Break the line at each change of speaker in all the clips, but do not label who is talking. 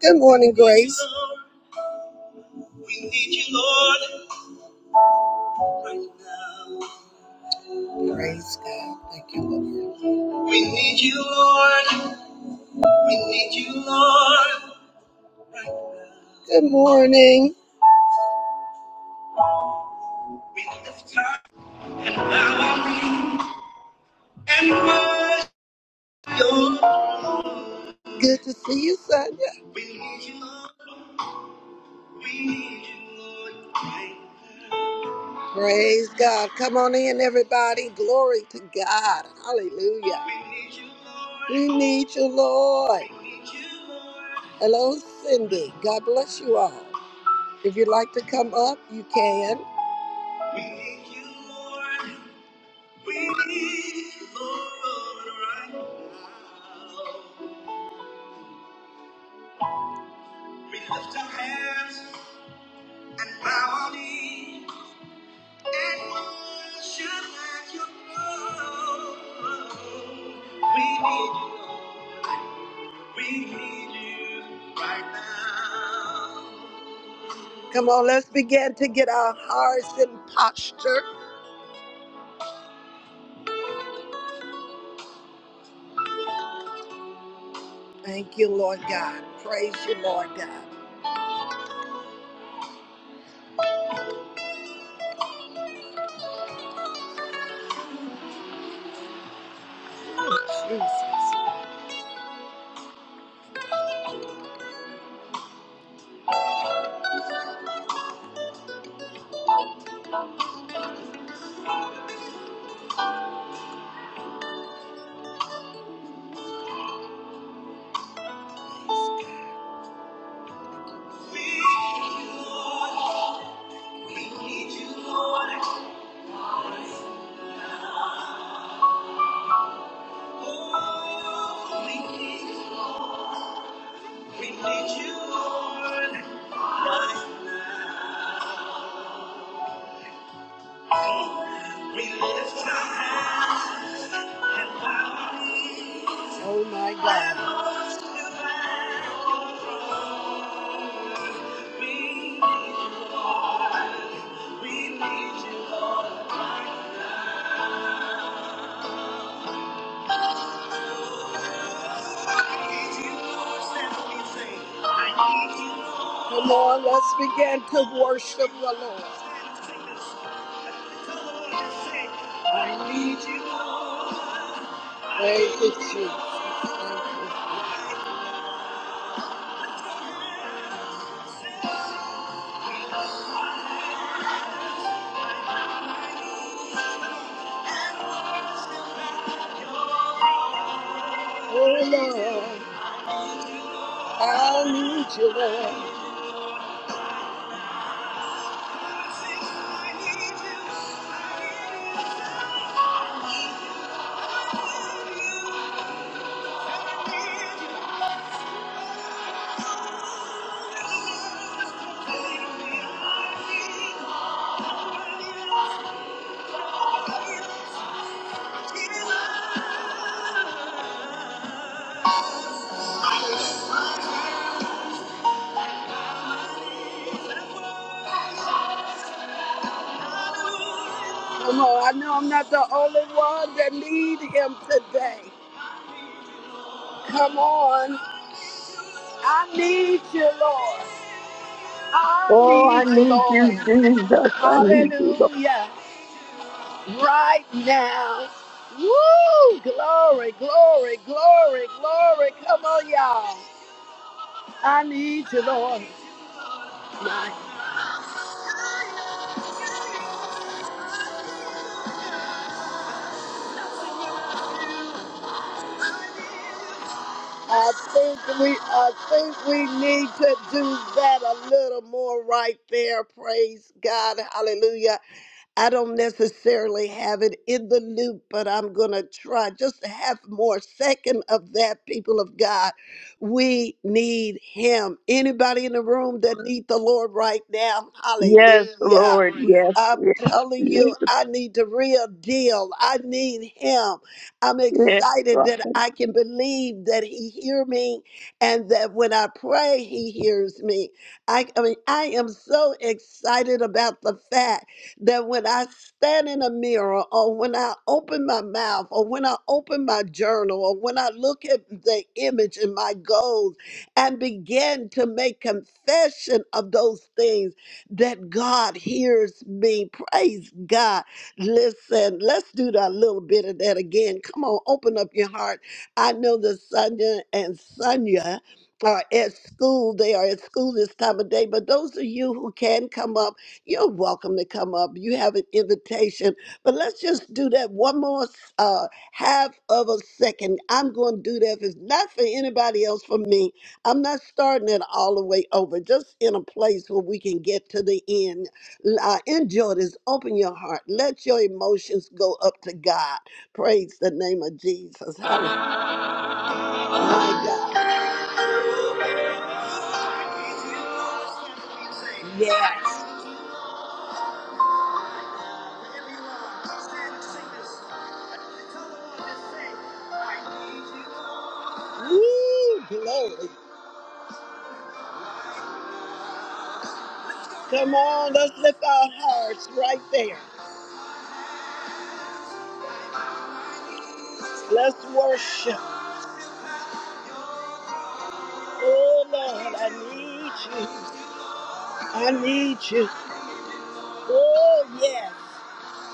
Good morning, Grace. We need you, Lord, right now. Praise God. Thank you, Lord. We need you, Lord. We need you, Lord. Good morning. We lift up and bow our knee and worship. you. Good to see you, Sonia. We need you, Lord. Praise God. Come on in, everybody. Glory to God. Hallelujah. We need you, Lord. Hello, Cindy. God bless you all. If you'd like to come up, you can. And what should I do? We need you. We need you right now. Come on, let's begin to get our hearts in posture. Thank you, Lord God. Praise you, Lord God. Oh, Jesus. We need you, Lord. We need you, Lord. Oh, we need, you. we need you, Lord. We lift our hands. Oh my God. Come on, let's begin to worship the Lord. I need you. Thank you, Jesus. Oh Lord, I need you, Lord. Come on, I know I'm not the only one that need Him today. Come on, I need you, Lord. I
Oh, I
need you,
need you,
Lord.
Jesus. I need you. Lord.
Hallelujah. Right now. Woo! Glory, glory, glory, glory. Come on, y'all. I need you, Lord. My, I think we I think we need to do that a little more right there. Praise God. Hallelujah. I don't necessarily have it in the loop, but I'm going to try just to have more second of that people of God. We need him. Anybody in the room that need the Lord right now?
Yes,
Hallelujah.
Lord. Yes,
I'm
yes,
telling
yes,
you, I need the real deal. I need him. I'm
yes,
excited that
Father.
I can believe that he hear me and that when I pray, he hears me. I, I mean, I am so excited about the fact that when I stand in a mirror or when I open my mouth or when I open my journal or when I look at the image in my goals and begin to make confession of those things that God hears me. Praise God. Listen, let's do that little bit of that again. Come on, open up your heart. I know that Sonia and Sonia are at school. They are at school this time of day. But those of you who can come up, you're welcome to come up. You have an invitation, but let's just do that one more uh, half of a second. I'm going to do that. If it's not for anybody else, for me, I'm not starting it all the way over. Just in a place where we can get to the end. Uh, enjoy this. Open your heart. Let your emotions go up to God. Praise the name of Jesus. Hallelujah. My God. Yeah. Wherever Lord Woo, glory. Come on, let's lift our hearts right there. Let's worship. Oh, Lord, I need you. I need you. Oh, yes.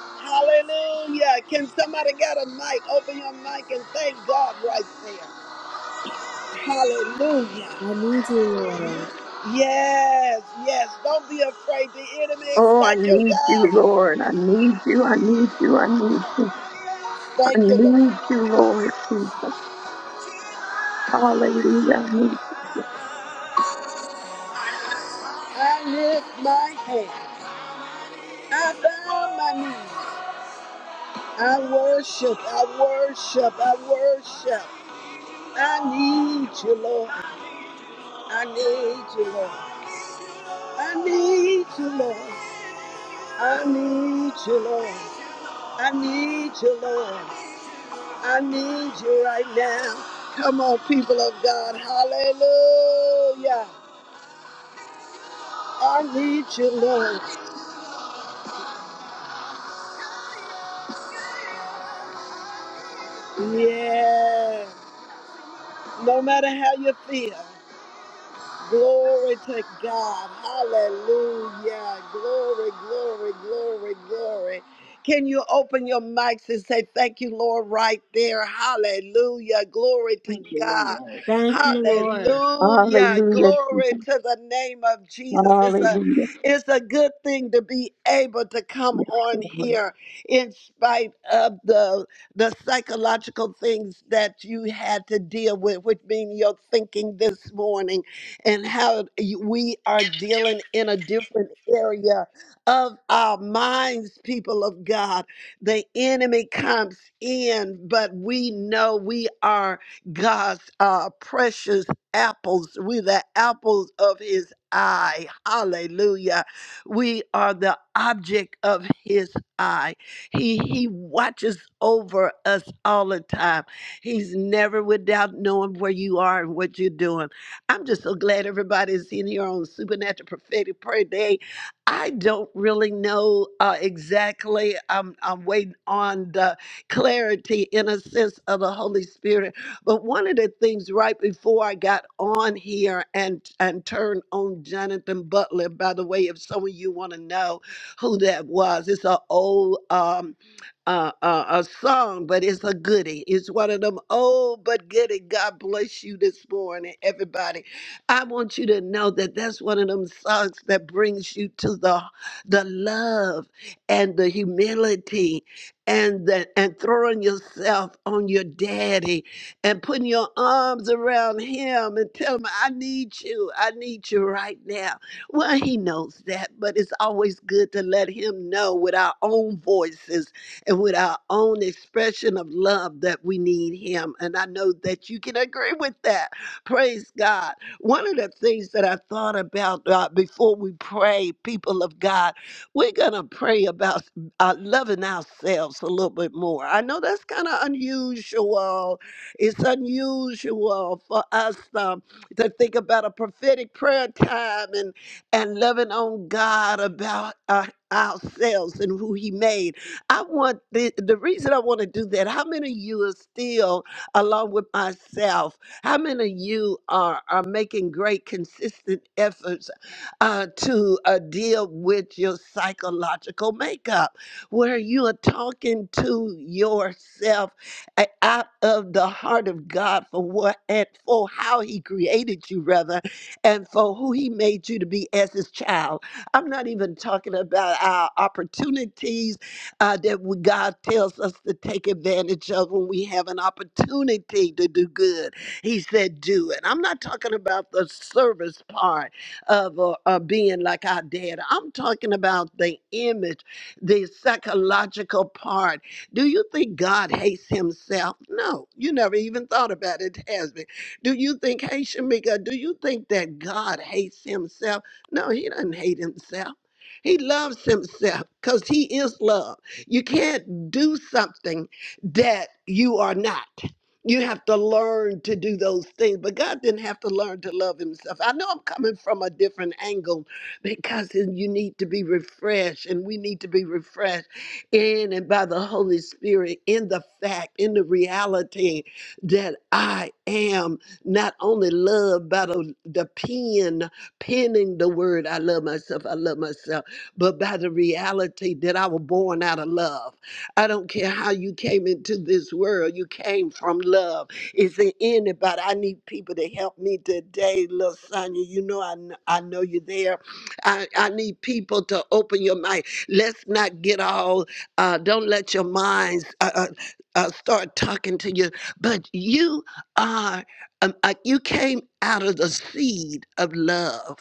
Hallelujah. Can somebody get a mic? Open your mic and thank God right there. Hallelujah.
I need you, Lord.
Yes, yes. Don't be afraid. The enemy is
Oh, I
not your
need
God.
you, Lord. I need you. I need you. I need you. I
Thank you, Lord.
need you, Lord Jesus. Hallelujah. I need you.
I lift my hand. I bow my knees. I worship. I worship. I worship. I need you, Lord. I need you, Lord. I need you, Lord. I need you, Lord. I need you, Lord. I need you right now. Come on, people of God. Hallelujah. I need you, Lord. Yeah. No matter how you feel. Glory to God. Hallelujah. Glory, glory, glory, glory. Can you open your mics and say thank you, Lord, right there? Hallelujah. Glory to
Thank you,
God.
Lord.
Thank you,
Thank you.
Lord.
Hallelujah.
Hallelujah,
Glory
Jesus.
to the name of Jesus. It's a
Hallelujah.
it's a good thing to be able to come
Yes,
on
Lord.
here in spite of the the psychological things that you had to deal with, which mean your thinking this morning and how you- we are dealing in a different area of our minds, people of God. The enemy comes in, but we know we are God's uh, precious apples. We're the apples of his eye. Hallelujah. We are the object of his eye. He, he watches over us all the time. He's never without knowing where you are and what you're doing. I'm just so glad everybody's in here on Supernatural Prophetic Prayer Day. I don't really know uh, exactly. I'm, I'm waiting on the clarity in a sense of the Holy Spirit. But one of the things right before I got on here and, and turned on Jonathan Butler, by the way, if some of you want to know who that was, it's an old. Um, uh, uh, a song, but it's a goodie. It's one of them old but goodie. God bless you this morning, everybody. I want you to know that that's one of them songs that brings you to the the love and the humility and the, and throwing yourself on your daddy and putting your arms around him and tell him, I need you. I need you right now. Well, he knows that, but it's always good to let him know with our own voices and with our own expression of love that we need Him. And I know that you can agree with that. Praise God. One of the things that I thought about uh, before we pray, people of God, we're going to pray about uh, loving ourselves a little bit more. I know that's kind of unusual. It's unusual for us um, to think about a prophetic prayer time and, and loving on God about uh, ourselves and who He made. I want the, the reason I want to do that. How many of you are still, along with myself, how many of you are, are making great, consistent efforts uh, to uh, deal with your psychological makeup, where you are talking to yourself a- out of the heart of God for what and for how He created you, rather, and for who He made you to be as His child? I'm not even talking about our opportunities uh, that we, God tells us to take advantage of when we have an opportunity to do good. He said, do it. I'm not talking about the service part of uh, uh, being like our dad. I'm talking about the image, the psychological part. Do you think God hates himself? No, you never even thought about it, has me. Do you think, hey, Shamika, do you think that God hates himself? No, he doesn't hate himself. He loves himself because he is love. You can't do something that you are not. You have to learn to do those things. But God didn't have to learn to love himself. I know I'm coming from a different angle because you need to be refreshed and we need to be refreshed in and by the Holy Spirit in the fact, in the reality that I am not only loved by the, the pen, penning the word, I love myself, I love myself but by the reality that I was born out of love. I don't care how you came into this world, you came from love. Is there anybody? I need people to help me today, little Sonia. You know I, kn- I know you're there. I, I need people to open your mind. Let's not get all, uh, don't let your minds uh, uh, uh, start talking to you, but you are, um, uh, you came out of the seed of love.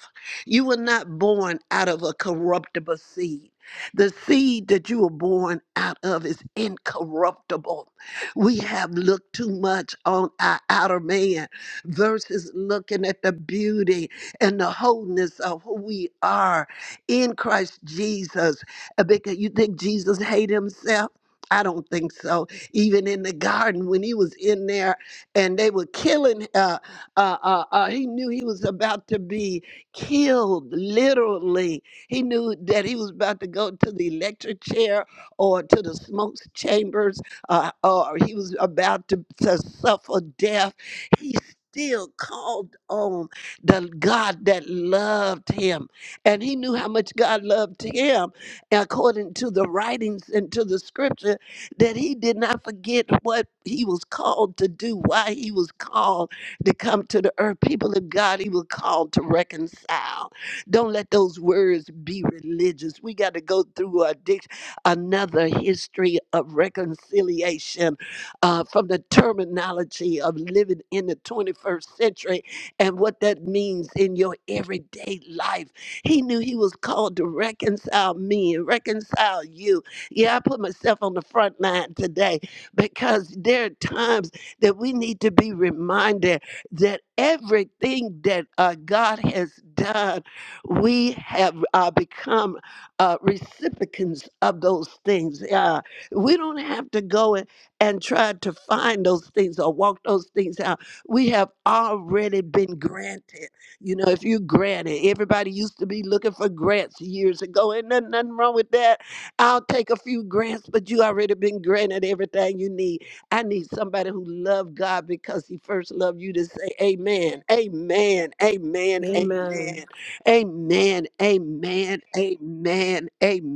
You were not born out of a corruptible seed. The seed that you were born out of is incorruptible. We have looked too much on our outer man versus looking at the beauty and the wholeness of who we are in Christ Jesus. Uh, Because you think Jesus hated himself? I don't think so. Even in the garden, when he was in there and they were killing, uh, uh, uh, uh, he knew he was about to be killed literally. He knew that he was about to go to the electric chair or to the smoke chambers, uh, or he was about to, to suffer death. He still called on the God that loved him. And he knew how much God loved him, according to the writings and to the scripture, that he did not forget what he was called to do, why he was called to come to the earth, people of God, He was called to reconcile. Don't let those words be religious. We got to go through a dic- another history of reconciliation uh, from the terminology of living in the 21st century and what that means in your everyday life. He knew He was called to reconcile me and reconcile you. Yeah, I put myself on the front line today because there are times that we need to be reminded that everything that uh, God has done, we have uh, become uh, recipients of those things. Uh, we don't have to go and, and try to find those things or walk those things out. We have already been granted. You know, if you granted, everybody used to be looking for grants years ago, and nothing, nothing wrong with that. I'll take a few grants, but you already been granted everything you need. I need somebody who loved God because he first loved you to say amen, amen, amen,
Amen.
amen, amen, amen, amen,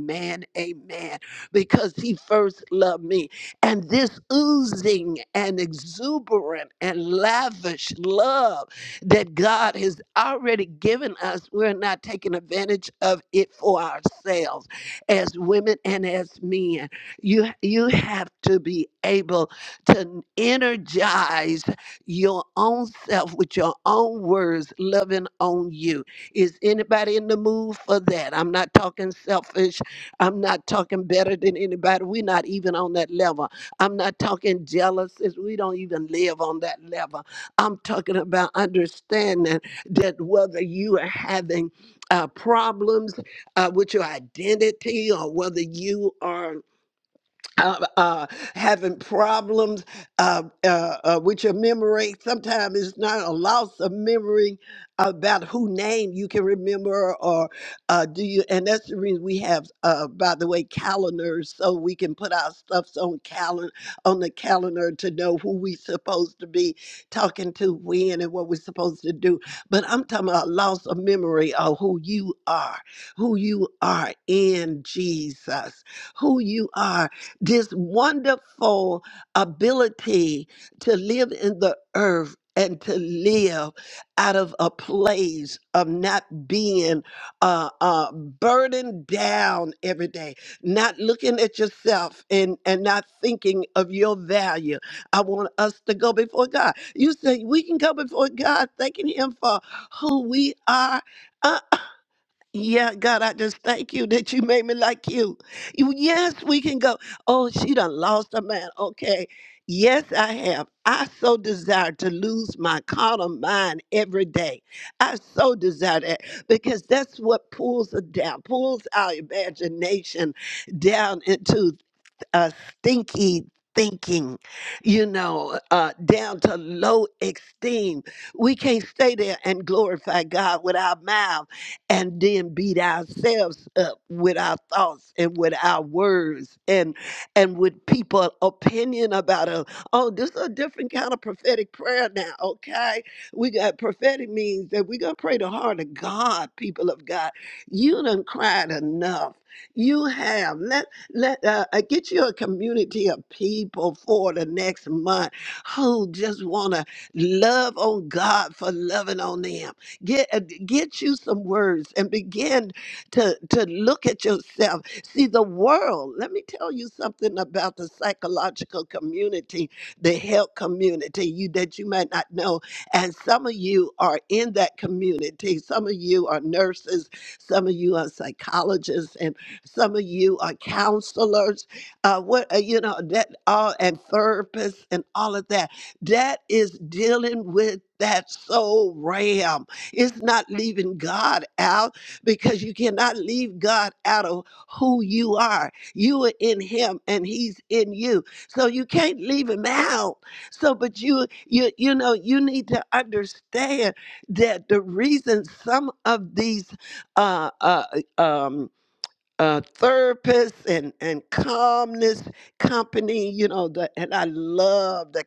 amen, amen, because he first loved me. And this oozing and exuberant and lavish love that God has already given us, we're not taking advantage of it for ourselves as women and as men. You, you have to be able to energize your own self with your own words, loving on you. Is anybody in the mood for that? I'm not talking selfish. I'm not talking better than anybody. We're not even on that level. I'm not talking jealousies. We don't even live on that level. I'm talking about understanding that whether you are having uh, problems uh, with your identity or whether you are uh, uh, having problems uh, uh, uh, with your memory. Sometimes it's not a loss of memory about who name you can remember, or uh, do you? And that's the reason we have, uh, by the way, calendars so we can put our stuffs on calendar on the calendar to know who we supposed to be talking to when and what we're supposed to do. But I'm talking about loss of memory of who you are, who you are in Jesus, who you are this wonderful ability to live in the earth and to live out of a place of not being uh, uh, burdened down every day, not looking at yourself and, and not thinking of your value. I want us to go before God. You say we can go before God thanking Him for who we are. Uh, yeah, God, I just thank you that you made me like you. You, yes, we can go. Oh, she done lost a man. Okay. Yes, I have. I so desire to lose my carnal mind every day. I so desire that because that's what pulls us down, pulls our imagination down into uh, stinky thinking, you know, uh, down to low esteem. We can't stay there and glorify God with our mouth and then beat ourselves up with our thoughts and with our words and and with people opinion about us. Oh, this is a different kind of prophetic prayer now, okay? We got prophetic means that we're gonna pray the heart of God, people of God. You done cried enough. You have. Let uh, uh, get you a community of people for the next month who just want to love on God for loving on them. Get uh, get you some words and begin to to look at yourself. See the world. Let me tell you something about the psychological community, the health community. You that you might not know, and some of you are in that community. Some of you are nurses. Some of you are psychologists, and some of you are counselors. Uh, what uh, you know that all and therapists and all of that. That is dealing with that soul realm. It's not leaving God out because you cannot leave God out of who you are. You are in Him and He's in you, so you can't leave Him out. So, but you you you know you need to understand that the reason some of these uh, uh, um, uh, therapist and and calmness company. You know, the, and I love the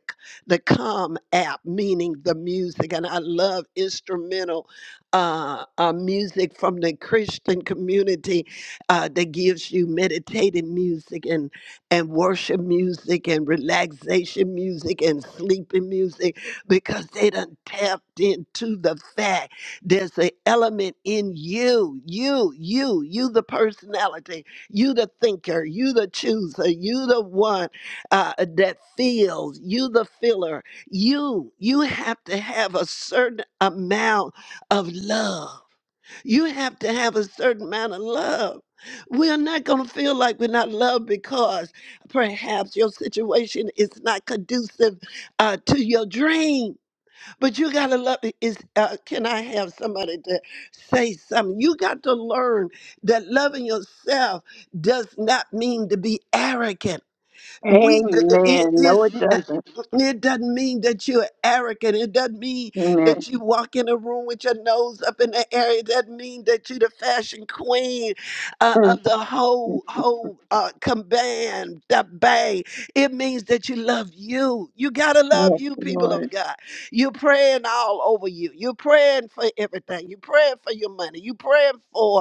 the calm app, meaning the music, and I love instrumental uh, uh, music from the Christian community uh, that gives you meditative music and and worship music and relaxation music and sleeping music because they done tapped into the fact. There's an element in you, you, you, you, the personality, you, the thinker, you, the chooser, you, the one uh, that feels, you, the filler. You, you have to have a certain amount of love. You have to have a certain amount of love. We are not going to feel like we're not loved because perhaps your situation is not conducive uh, to your dream but you got to love it. Is, uh, can I have somebody to say something? You got to learn that loving yourself does not mean to be arrogant we it
Amen.
is
No, it doesn't.
it doesn't mean that you're arrogant it doesn't mean
Amen.
that you walk in a room with your nose up in the air it doesn't mean that you're the fashion queen uh,
Mm,
of the
mm.
whole whole uh command the bang it means that you love you you gotta love
Yes,
you people
Lord.
of god you're praying all over you you're praying for everything you're praying for your money you're praying for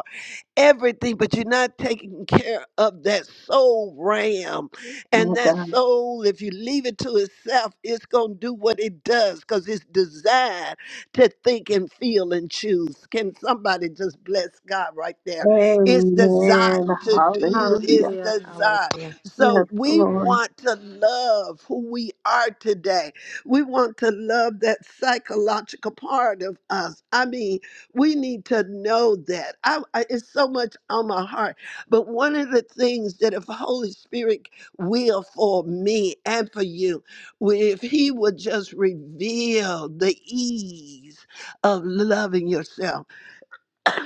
everything, but you're not taking care of that soul ram.
My
And that
God.
soul, if you leave it to itself, it's going to do what it does because it's designed to think and feel and choose. Can somebody just bless God right there? It's
Amen.
designed to do
Hallelujah.
its
Hallelujah.
desire.
Hallelujah.
Yes,
So we
Lord.
want to love who we are today. We want to love that psychological part of us. I mean, we need to know that I, I, it's so much on my heart but one of the things that if holy spirit will for me and for you if he would just reveal the ease of loving yourself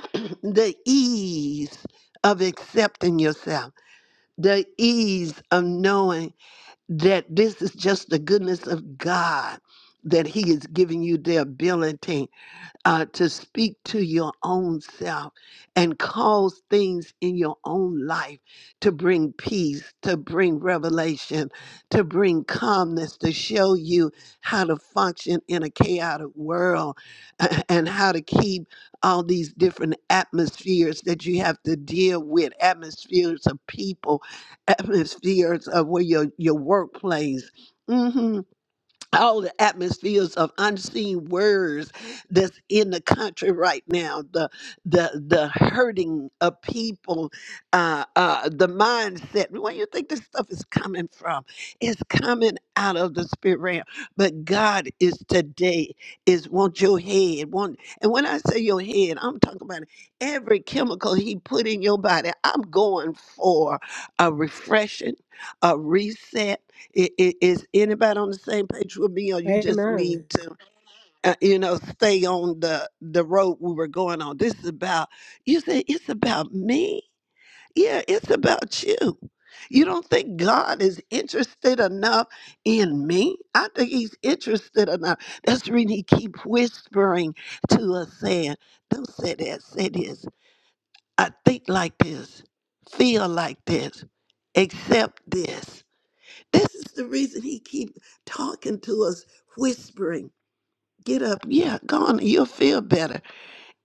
the ease of accepting yourself the ease of knowing that this is just the goodness of god that he is giving you the ability uh, to speak to your own self and cause things in your own life to bring peace, to bring revelation, to bring calmness, to show you how to function in a chaotic world a- and how to keep all these different atmospheres that you have to deal with atmospheres of people, atmospheres of where your, your workplace. Mm-hmm all the atmospheres of unseen words that's in the country right now the the the hurting of people uh uh the mindset where you think this stuff is coming from it's coming out of the spirit realm but god is today is want your head want and when i say your head i'm talking about every chemical he put in your body i'm going for a refreshing a reset I- i- Is anybody on the same page with me, or you just
Amen.
need to, uh, you know, stay on the the road we were going on? This is about you. Say it's about me. Yeah, it's about you. You don't think God is interested enough in me? I think He's interested enough. That's the reason He keep whispering to us, saying, "Don't say that. Say this. I think like this. Feel like this. Accept this." This is the reason he keep talking to us, whispering, get up, yeah, go on, you'll feel better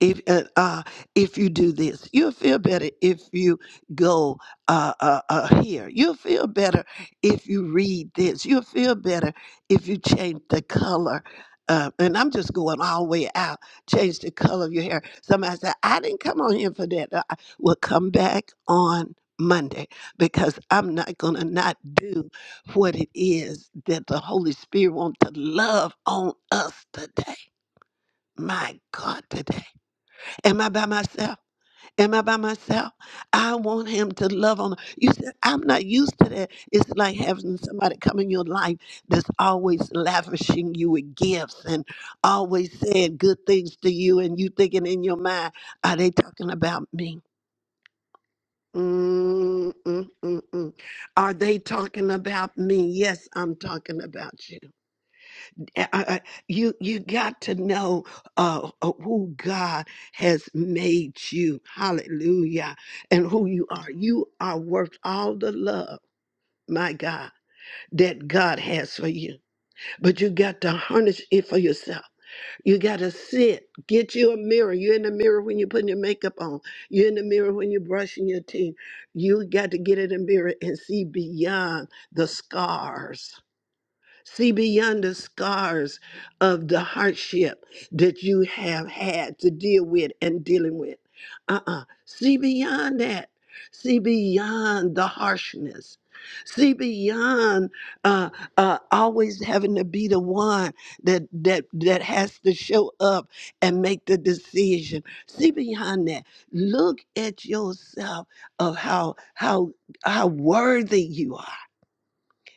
if uh, uh, if you do this you'll feel better if you go uh, uh, uh, here you'll feel better if you read this you'll feel better if you change the color uh, and I'm just going all the way out. Change the color of your hair. Somebody said, I didn't come on here for that. I will come back on Monday because I'm not going to not do what it is that the Holy Spirit wants to love on us today. My God, today. Am I by myself? Am I by myself? I want him to love on. You said, I'm not used to that. It's like having somebody come in your life that's always lavishing you with gifts and always saying good things to you, and you thinking in your mind, are they talking about me? Mm, mm, mm, mm. Are they talking about me? Yes, I'm talking about you. I- I- you you got to know uh, uh, who God has made you. Hallelujah. And who you are. You are worth all the love, my God, that God has for you. But you got to harness it for yourself. You got to sit. Get you a mirror. You're in the mirror when you're putting your makeup on. You're in the mirror when you're brushing your teeth. You got to get in the mirror and see beyond the scars. See beyond the scars of the hardship that you have had to deal with and dealing with. Uh uh See beyond that. See beyond the harshness. See beyond uh, uh, always having to be the one that that that has to show up and make the decision. See beyond that. Look at yourself of how how how worthy you are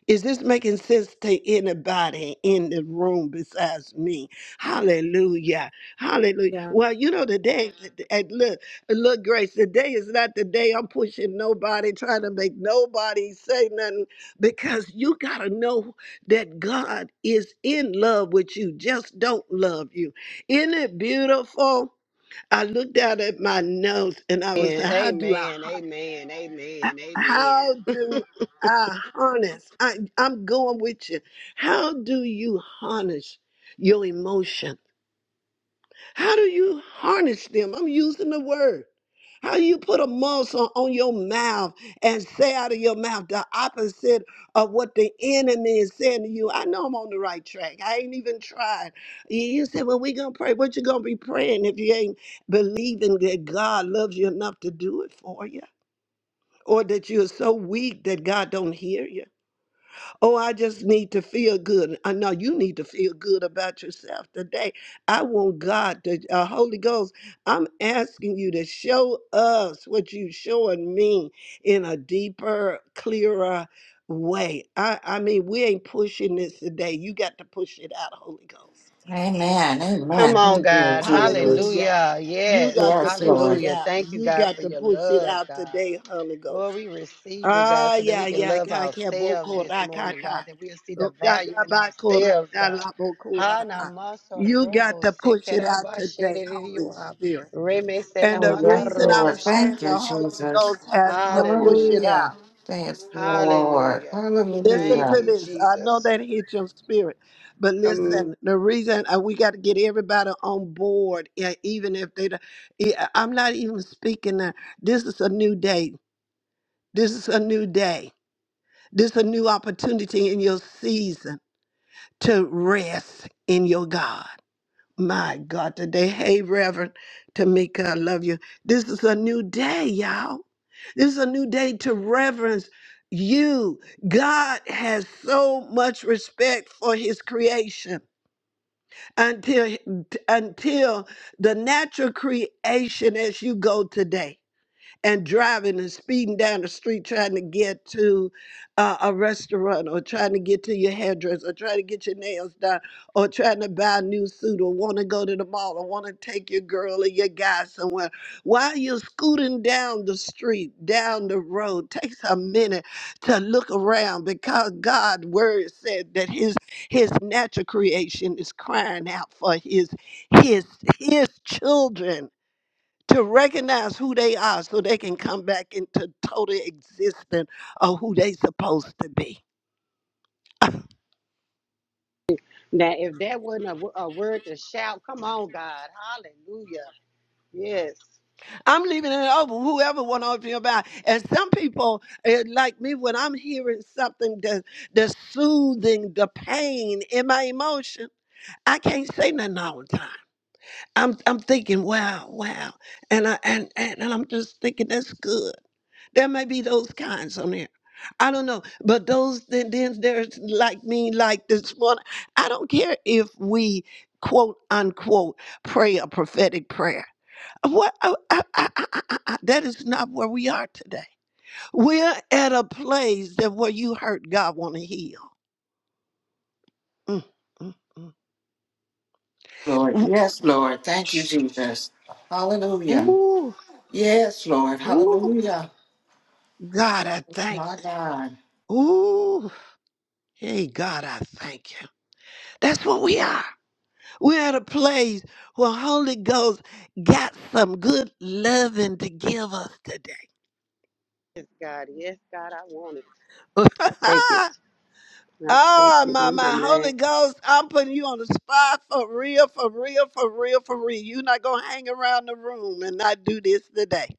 is this making sense to anybody in the room besides me? Hallelujah. Hallelujah.
Yeah.
Well, you know, today, and look, look, Grace, today is not the day I'm pushing nobody, trying to make nobody say nothing, because you got to know that God is in love with you, just don't love you. Isn't it beautiful? I looked out at my notes and I was like, do I?
Amen. Amen. Amen. Amen.
How do I harness. I, I'm going with you. How do you harness your emotion? How do you harness them? I'm using the word. How you put a muzzle on your mouth and say out of your mouth the opposite of what the enemy is saying to you. I know I'm on the right track. I ain't even tried. You you say, well, we going to pray. What you going to be praying if you ain't believing that God loves you enough to do it for you? Or that you're so weak that God don't hear you? Oh, I just need to feel good. I know you need to feel good about yourself today. I want God to, uh, Holy Ghost, I'm asking you to show us what you showing me in a deeper, clearer way. I, I mean, we ain't pushing this today. You got to push it out, Holy Ghost.
Amen.
Ha-
Come
Amen.
on,
Thank you,
God.
Hallelujah.
Jesus.
Hallelujah. Yes.
Yes, Lord.
Hallelujah. Thank you, God, for your
Push it
love, God.
today, Holy Ghost.
Lord, we receive it, God,
Ah,
so that
yeah,
we can
yeah.
love ourselves this morning,
Korakata.
God, that we'll see the value in ourselves, God.
You got
Hanamasarobo
to push it out today,
sekerabashedidiyuha.
Spirit. And the
Oh, yes,
reason I'm
Lord.
Remesenamatarobosha.
saying
Thank you,
the Holy
Jesus.
Ghost has to push it
Hallelujah.
Hallelujah.
out.
Thanks, Lord.
Hallelujah.
Listen
Thank
Hallelujah.
to
you,
this. I know
Jesus.
that hit your spirit, but
Come
listen. The reason uh, we got to get everybody on board, yeah, even if they, don't- yeah, I'm not even speaking. That. This is a new day. This is a new day. This is a new opportunity in your season to rest in your God. My God, today. Hey, Reverend Tamika, I love you. This is a new day, y'all. This is a new day to reverence you. God has so much respect for his creation until until the natural creation as you go today and driving and speeding down the street trying to get to uh, a restaurant or trying to get to your hairdresser or trying to get your nails done or trying to buy a new suit or want to go to the mall or want to take your girl or your guy somewhere. While you're scooting down the street, down the road, takes a minute to look around because God's word said that his his natural creation is crying out for his his his children to recognize who they are so they can come back into total existence of who they supposed to be.
Now, if that wasn't a, wo- a word to shout, come on, God. Hallelujah. Yes.
I'm leaving it open. Whoever want to open your mouth. And some people, eh, like me, when I'm hearing something that, that's soothing the pain in my emotion, I can't say nothing all the time. I'm, I'm thinking, wow, wow. And, I, and, and, and I'm just thinking, that's good. There may be those kinds on there. I don't know. But those then, then there's like me, like this one. I don't care if we quote unquote pray a prophetic prayer. What I- I- I- I- I- I- I- that is not where we are today. We're at a place that where you hurt God want to heal. Mm, mm, mm.
Lord.
W-
Yes, Lord. Thank you, Jesus. Hallelujah.
Ooh,
Yes, Lord.
ooh,
Hallelujah.
God, I thank
My God.
you. Ooh, hey, God, I thank you. That's what we are. We're at a place where Holy Ghost got some good loving to give us today.
Yes, God. Yes, God, I want it. I take it. I take
oh,
it
my,
in the
my Holy
name.
Ghost, I'm putting you on the spot for real, for real, for real, for real. You're not going to hang around the room and not do this today.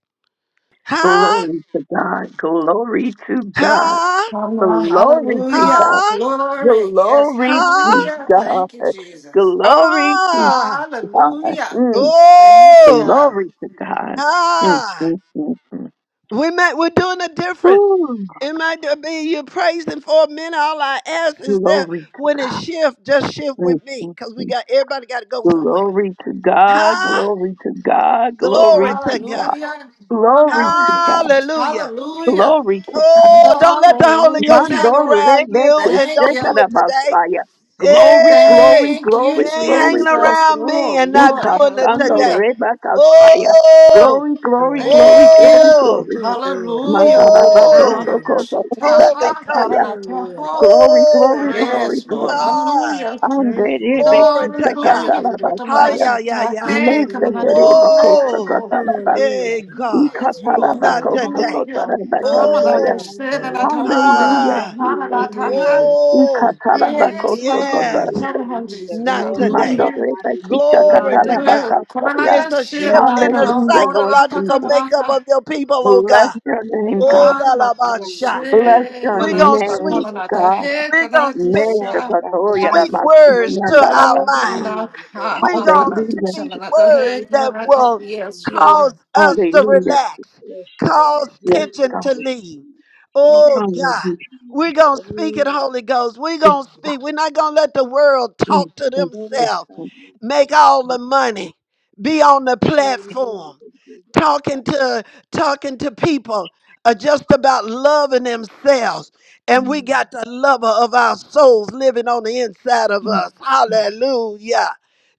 Huh?
Glory to God. Glory to God.
Huh?
Come on.
Glory to
Hallelujah.
God.
Huh?
Glory. Yes.
Glory to
Huh?
Hallelujah.
God.
Thank you, Jesus.
Glory to
Ah.
God.
Hallelujah.
Mm.
Thank
Oh.
you.
Glory to God. Mm,
Ah.
mm, mm, mm.
We met, we're doing a difference.
Ooh,
It might not be you praising for a minute. All I ask is that
glory to
when it
God.
shift, just shift
Mm,
with me.
mm,
Because we
mm.
got everybody got to go somewhere.
Glory to God.
Huh?
Glory to God. Glory
Glory
to
to God.
God.
Hallelujah. Come
Glory
on,
to God.
Jesus.
Hallelujah.
Hallelujah.
Glory to God.
Oh, don't let the Holy Ghost hang
Hallelujah.
Mandoro
around you
rebeke
and
Thank
don't
you.
do it today.
sekarabasaya. Glory,
Hey,
glory,
Thank
he
you,
glory,
ain't
glory,
hanging
Jesus.
glory.
around me
Oh,
and not
Lord.
doing it
Ikasando
today.
Hallelujah.
rebakasaya.
Oh,
Glory, glory,
Hallelujah.
glory,
Thank
glory,
you.
oh,
glory.
Hallelujah. Oh,
oh,
God,
Hallelujah.
I'm
Mandarabakosokoso
so tired.
Holy
God,
Ghost.
I'm
rebakasaya.
not
Hallelujah.
tired.
Glory,
Oh,
glory,
Hallelujah.
glory,
Yes, Lord.
glory.
ah.
Hallelujah.
Hallelujah.
Ande
Thank you,
Glory
rebeke
to
Lord.
God.
Hallelujah.
Hallelujah.
God, I'm
Hi,
sakatalabasaya.
yeah,
not
yeah,
tired.
yeah.
Hey, come on, I'm
Hallelujah.
Oh,
Mesekerebakosokotalabas.
hey,
Hallelujah.
Lord,
God,
Yes,
I
Thank you.
Lord.
not
Lord.
today.
Hallelujah. Come on out
Ikatalabakosokotalabakasaya.
your
Hallelujah.
Oh,
sin and
Lord.
out your horn and out
Hallelujah,
your
ah,
hand and
Jesus.
out your hand.
Hallelujah.
oh,
Yes,
Ikatarabakosokota.
hallelujah.
yes,
Lord.
Come on, Jesus.
not
Thank you, Lord.
today.
Hallelujah.
Glory to
Hallelujah.
God.
Yes. Come on out
Mandorebekishakatarabakasoya.
It's
your
a shift
sin and
Thank
out
in the
you,
your
Hallelujah,
horn and
Lord
out your
psychological
hand
Jesus.
and out
makeup
your
of your people, oh
Bless
God.
your name,
Oh,
God.
hand
la
and
la
out
ba
your
sha.
Bless
sin
your
and
We're
out
going to
your
name,
horn
sweet,
and out your
God.
head
we're
and
going to
out your
speak
shine.
die
sweet
in
words to our
Neshakatoyaramasikiyandalaba.
Lord, and
mind.
out your hand
we going
and
the
to
out your
Hallelujah.
shine
speak
and out your
words
Praise
head and
that
out
Lord,
your-
will
Yes,
cause
hallelujah.
Lord.
us to
Praise
Hallelujah.
God,
relax,
bless you, Lord.
cause
Yes,
Hallelujah,
tension
God.
to leave.
Jesus. King.
Oh, God.
Hallelujah.
We're going
Oh,
to speak it,
Lord,
Holy Ghost. We're going to
Jesus.
speak. We're not going to let the world
Mm,
talk to
mm,
Glory
mm,
themselves,
to
mm,
you,
make
Lord.
all the money, be on the platform,
Hallelujah, Jesus.
talking to talking to people are just about loving themselves. And we
Mm.
got the lover of our souls living on the inside of
mm.
us. Hallelujah.